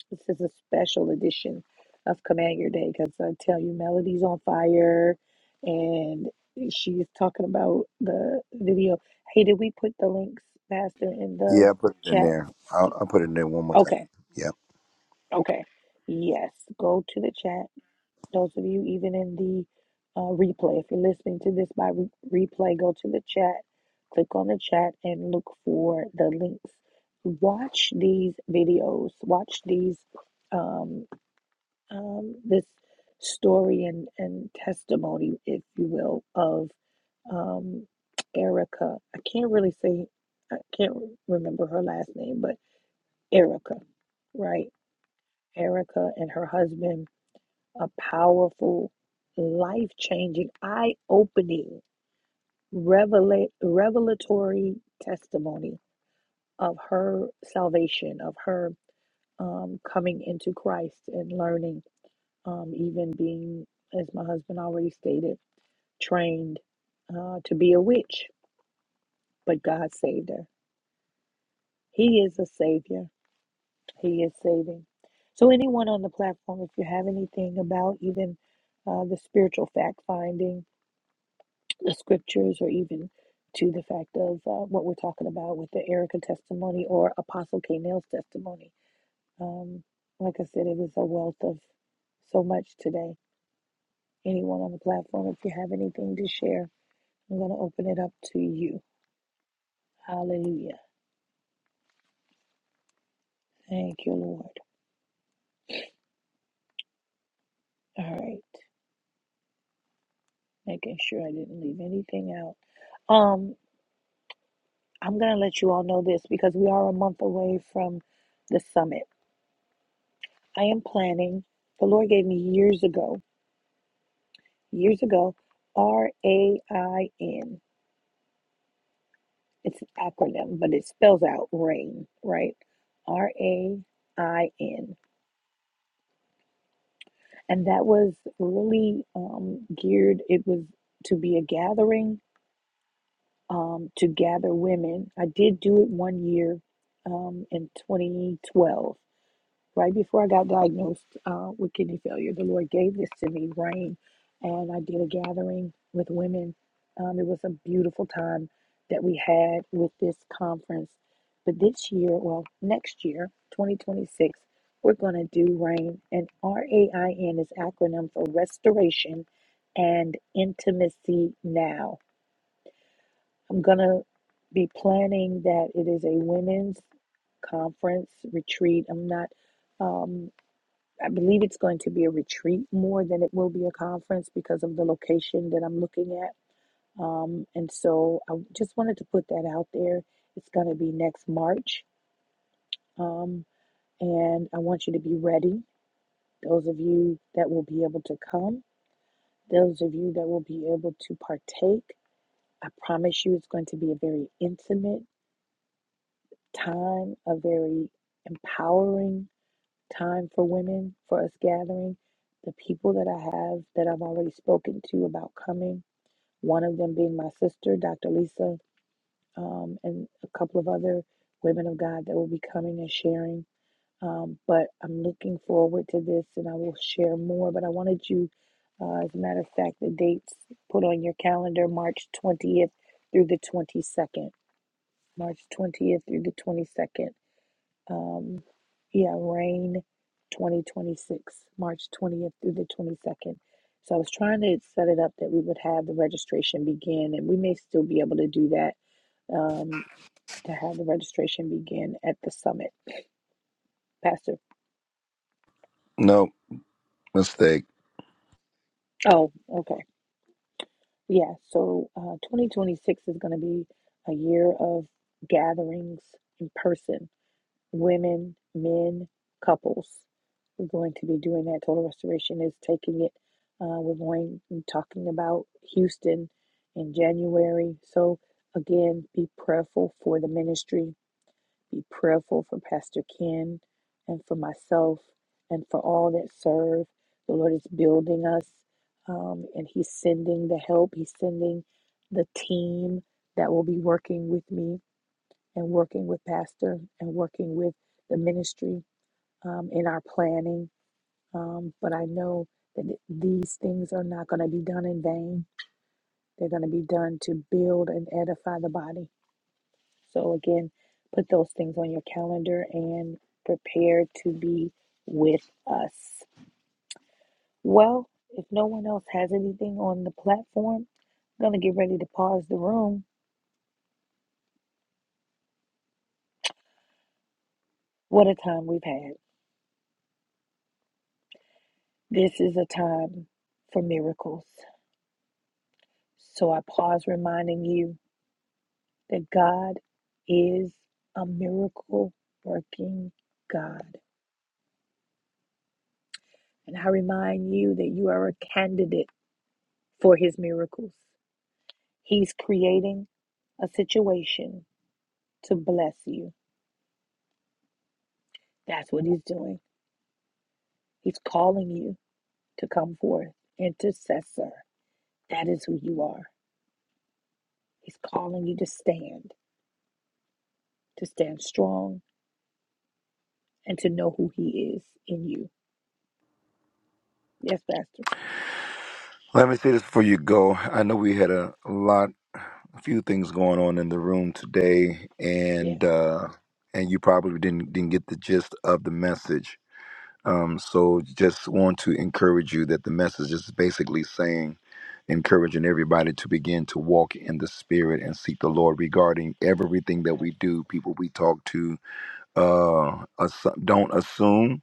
Speaker 1: This is a special edition of Command Your Day because I tell you, Melody's on fire and she's talking about the video. Hey, did we put the links, Pastor, in the
Speaker 2: Yeah, I put it in
Speaker 1: chat?
Speaker 2: there. I'll, I'll put it in there one more time.
Speaker 1: Okay,
Speaker 2: Yeah.
Speaker 1: okay. Yes, go to the chat. Those of you, even in the uh, replay, if you're listening to this by re- replay, go to the chat, click on the chat, and look for the links. Watch these videos, watch these. um um, this story and, and testimony, if you will, of um, Erica. I can't really say, I can't remember her last name, but Erica, right? Erica and her husband, a powerful, life changing, eye opening, revela- revelatory testimony of her salvation, of her um, coming into Christ and learning. um, even being, as my husband already stated, trained uh, to be a witch, but God saved her. He is a savior, He is saving. So, anyone on the platform, if you have anything about even uh, the spiritual fact finding, the scriptures, or even to the fact of uh, what we're talking about with the Erica testimony or Apostle K. Nail's testimony, um, like I said, it is a wealth of so much today. Anyone on the platform, if you have anything to share, I'm going to open it up to you. Hallelujah. Thank you, Lord. All right. Making sure I didn't leave anything out. Um, I'm going to let you all know this because we are a month away from the summit. I am planning, the Lord gave me years ago, years ago, R A I N. It's an acronym, but it spells out RAIN, right? R A I N. And that was really um, geared, it was to be a gathering um, to gather women. I did do it one year um, in 2012, right before I got diagnosed uh, with kidney failure. The Lord gave this to me, rain, and I did a gathering with women. Um, it was a beautiful time that we had with this conference. But this year, well, next year, 2026, we're going to do RAIN. And R A I N is acronym for Restoration and Intimacy Now. I'm going to be planning that it is a women's conference retreat. I'm not, um, I believe it's going to be a retreat more than it will be a conference because of the location that I'm looking at. Um, and so I just wanted to put that out there. It's going to be next March. Um, and I want you to be ready. Those of you that will be able to come, those of you that will be able to partake, I promise you it's going to be a very intimate. time, a very empowering time for women, for us gathering. The people that I have that I've already spoken to about coming, one of them being my sister, Dr. Lisa, um, and a couple of other women of God that will be coming and sharing. Um, but I'm looking forward to this and I will share more. But I wanted you, uh, as a matter of fact, the dates put on your calendar March 20th through the 22nd. March 20th through the 22nd um, yeah, Rain 2026, March 20th through the 22nd. So I was trying to set it up that we would have the registration begin, and we may still be able to do that um, to have the registration begin at the summit. Pastor, oh, okay. Yeah, so uh, 2026 is going to be a year of gatherings in person women, men, couples. We're going to be doing that. Total Restoration is taking it. Uh, we're going and talking about Houston in January. So, again, be prayerful for the ministry, be prayerful for Pastor Ken and for myself and for all that serve. The Lord is building us um, and He's sending the help, He's sending the team that will be working with me and working with pastor and working with the ministry um, in our planning. Um, but I know that th- these things are not going to be done in vain. They're going to be done to build and edify the body. So again, put those things on your calendar and prepare to be with us. Well, if no one else has anything on the platform, I'm going to get ready to pause the room. What a time we've had. This is a time for miracles. So I pause reminding you that God is a miracle working God. And I remind you that you are a candidate for his miracles. He's creating a situation to bless you. That's what he's doing. He's calling you to come forth. Intercessor. That is who you are. He's calling you to stand, to stand strong, and to know who he is in you. Yes, Pastor.
Speaker 2: Let me say this before you go. I know we had a lot, a few things going on in the room today,
Speaker 1: Yeah.
Speaker 2: and uh, and you probably didn't didn't get the gist of the message. Um, so just want to encourage you that the message is basically saying, encouraging everybody to begin to walk in the spirit and seek the Lord regarding everything that we do, people we talk to. Uh, assu- don't assume,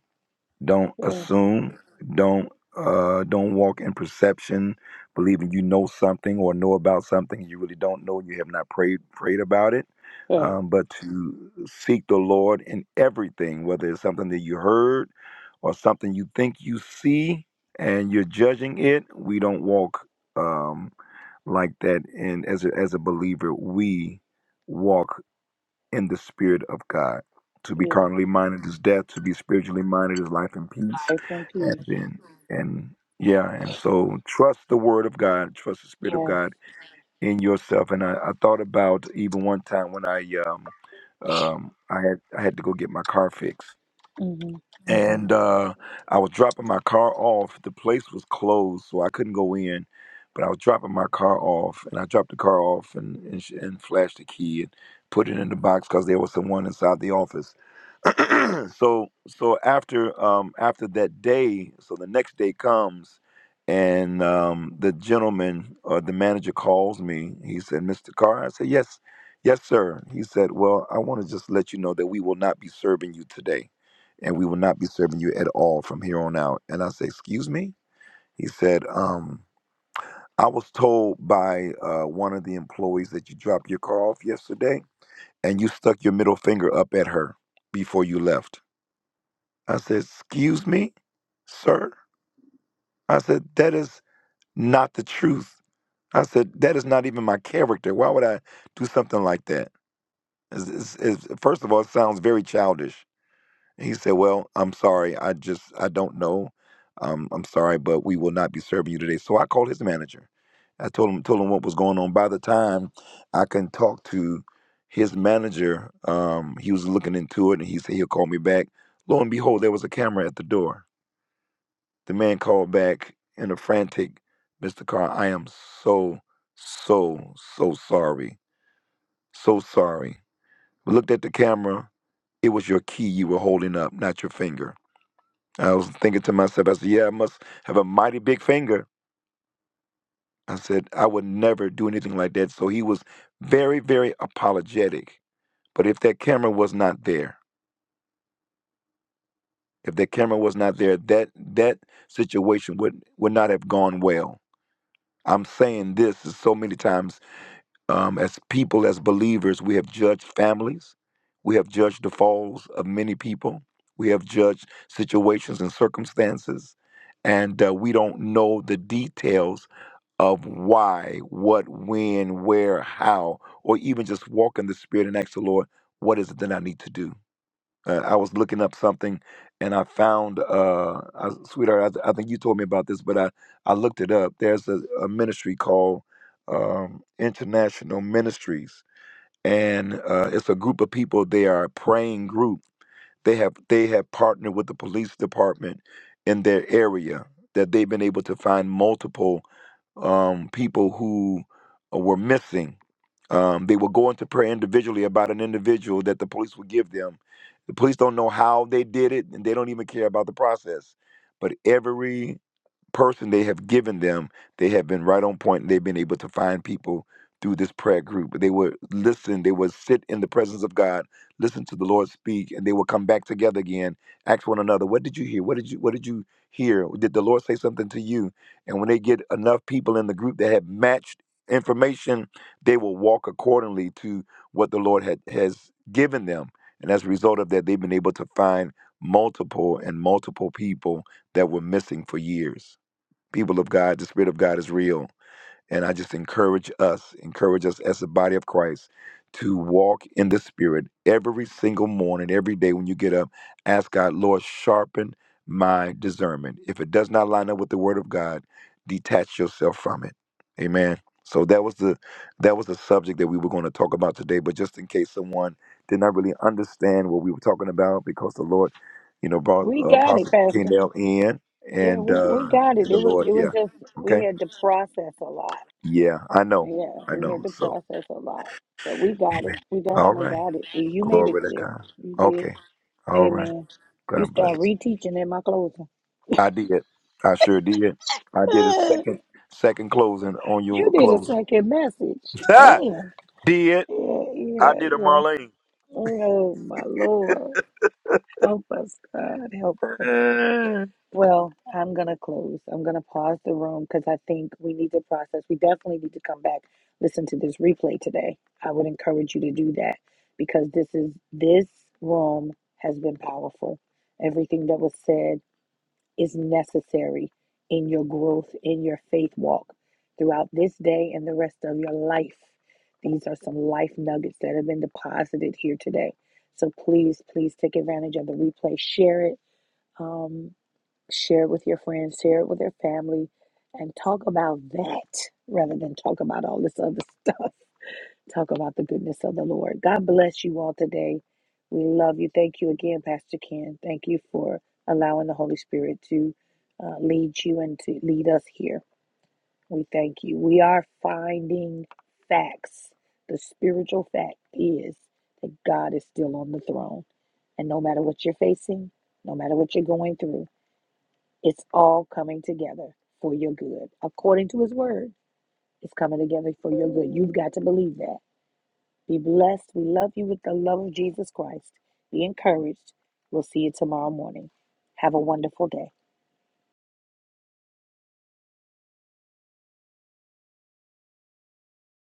Speaker 2: don't
Speaker 1: Yeah.
Speaker 2: assume, don't uh don't walk in perception believing you know something or know about something you really don't know you have not prayed prayed about it
Speaker 1: yeah.
Speaker 2: um, but to seek the lord in everything whether it's something that you heard or something you think you see and you're judging it, we don't walk um, like that. And as a, as a believer, we walk in the spirit of God. To be
Speaker 1: Yes.
Speaker 2: carnally minded is death. To be spiritually minded is life and peace.
Speaker 1: Grace and
Speaker 2: And
Speaker 1: peace.
Speaker 2: then, and yeah, and so trust the word of God. Trust the spirit of
Speaker 1: Yes.
Speaker 2: God in yourself. And I, I thought about even one time when I um, um, I had I had to go get my car fixed
Speaker 1: hmm
Speaker 2: and uh, I was dropping my car off. The place was closed, so I couldn't go in. But I was dropping my car off, and I dropped the car off and and, sh- and flashed the key and put it in the box because there was someone inside the office so so after um after that day so the next day comes and um the gentleman or the manager calls me he said mr carr i said yes yes sir he said well i want to just let you know that we will not be serving you today and we will not be serving you at all from here on out and i said excuse me he said um i was told by uh, one of the employees that you dropped your car off yesterday and you stuck your middle finger up at her before you left I said, Excuse me, sir? I said, That is not the truth. I said, That is not even my character. Why would I do something like that? It's- it's- it's- first of all, it sounds very childish. And he said, Well, I'm sorry. I just, I don't know. Um, I'm sorry, but we will not be serving you today. So I called his manager. I told him, told him what was going on. By the time I can talk to his manager, um, he was looking into it and he said he'll call me back. Lo and behold, there was a camera at the door The man called back in a frantic, Mr. Carr, I am so, so, so sorry. So sorry. We looked at the camera. It was your key you were holding up, not your finger. I was thinking to myself, I said, Yeah, I must have a mighty big finger. I said, I would never do anything like that. So he was very, very apologetic. But if that camera was not there, if that camera was not there, that that situation would would not have gone well. I'm saying this is so many times Um, as people, as believers, we have judged families. We have judged the falls of many people. We have judged situations and circumstances. And uh, we don't know the details of why, what, when, where, how, or even just walk in the Spirit and ask the Lord, what is it that I need to do? Uh, I was looking up something, and I found, uh, I, sweetheart, I, th- I think you told me about this, but I I looked it up. There's a, a ministry called um, International Ministries, and uh, it's a group of people. They are a praying group they have they have partnered with the police department in their area that they've been able to find multiple um, people who uh, were missing. Um, they will go into prayer individually about an individual that the police will give them. The police don't know how they did it, and they don't even care about the process. But every person they have given them, they have been right on point and they've been able to find people through this prayer group. They would listen, they would sit in the presence of God, listen to the Lord speak, and they would come back together again, ask one another, what did you hear? What did you what did you hear? Did the Lord say something to you? And when they get enough people in the group that have matched information, they will walk accordingly to what the Lord had, has given them. And as a result of that, they've been able to find multiple and multiple people that were missing for years. People of God, the Spirit of God is real. And I just encourage us, encourage us as the body of Christ to walk in the Spirit every single morning, every day when you get up. Ask God, Lord, sharpen my discernment. If it does not line up with the Word of God, detach yourself from it. Amen. So that was the that was the subject that we were going to talk about today. But just in case someone did not really understand what we were talking about, because the Lord, you know, brought
Speaker 1: We
Speaker 2: uh,
Speaker 1: got it,
Speaker 2: Apostle
Speaker 1: Pastor.
Speaker 2: Kendall in,
Speaker 1: Yeah,
Speaker 2: and
Speaker 1: we,
Speaker 2: uh,
Speaker 1: we got it.
Speaker 2: and the
Speaker 1: It was
Speaker 2: Lord,
Speaker 1: it
Speaker 2: yeah,
Speaker 1: was just
Speaker 2: okay
Speaker 1: we had to process a lot.
Speaker 2: yeah, I know.
Speaker 1: Yeah,
Speaker 2: I
Speaker 1: we
Speaker 2: know.
Speaker 1: had to
Speaker 2: So,
Speaker 1: process a lot. But we got it. We
Speaker 2: all
Speaker 1: definitely
Speaker 2: right.
Speaker 1: got it. You made it
Speaker 2: Glory to
Speaker 1: clear.
Speaker 2: God.
Speaker 1: You did.
Speaker 2: Okay. All right.
Speaker 1: Amen. You
Speaker 2: God bless.
Speaker 1: start reteaching in my closing.
Speaker 2: I did. I sure did. I did a second second closing on
Speaker 1: you
Speaker 2: your
Speaker 1: did a
Speaker 2: closing.
Speaker 1: second message.
Speaker 2: Ah,
Speaker 1: And
Speaker 2: did.
Speaker 1: yeah,
Speaker 2: I
Speaker 1: yeah,
Speaker 2: did a
Speaker 1: yeah.
Speaker 2: Marlene.
Speaker 1: Oh my Lord. Help us, God. Help us. Well, I'm going to close. I'm going to pause the room because I think we need to process. We definitely need to come back, listen to this replay today. I would encourage you to do that because this is this room has been powerful. Everything that was said is necessary in your growth, in your faith walk throughout this day and the rest of your life. These are some life nuggets that have been deposited here today. So please, please take advantage of the replay. Share it. um, Share it with your friends, share it with your family, and talk about that rather than talk about all this other stuff. Talk about the goodness of the Lord. God bless you all today. We love you. Thank you again, Pastor Ken. Thank you for allowing the Holy Spirit to uh, lead you and to lead us here. We thank you. We are finding facts. The spiritual fact is that God is still on the throne. And no matter what you're facing, no matter what you're going through, it's all coming together for your good. According to his word, it's coming together for your good. You've got to believe that. Be blessed. We love you with the love of Jesus Christ. Be encouraged. We'll see you tomorrow morning. Have a wonderful day.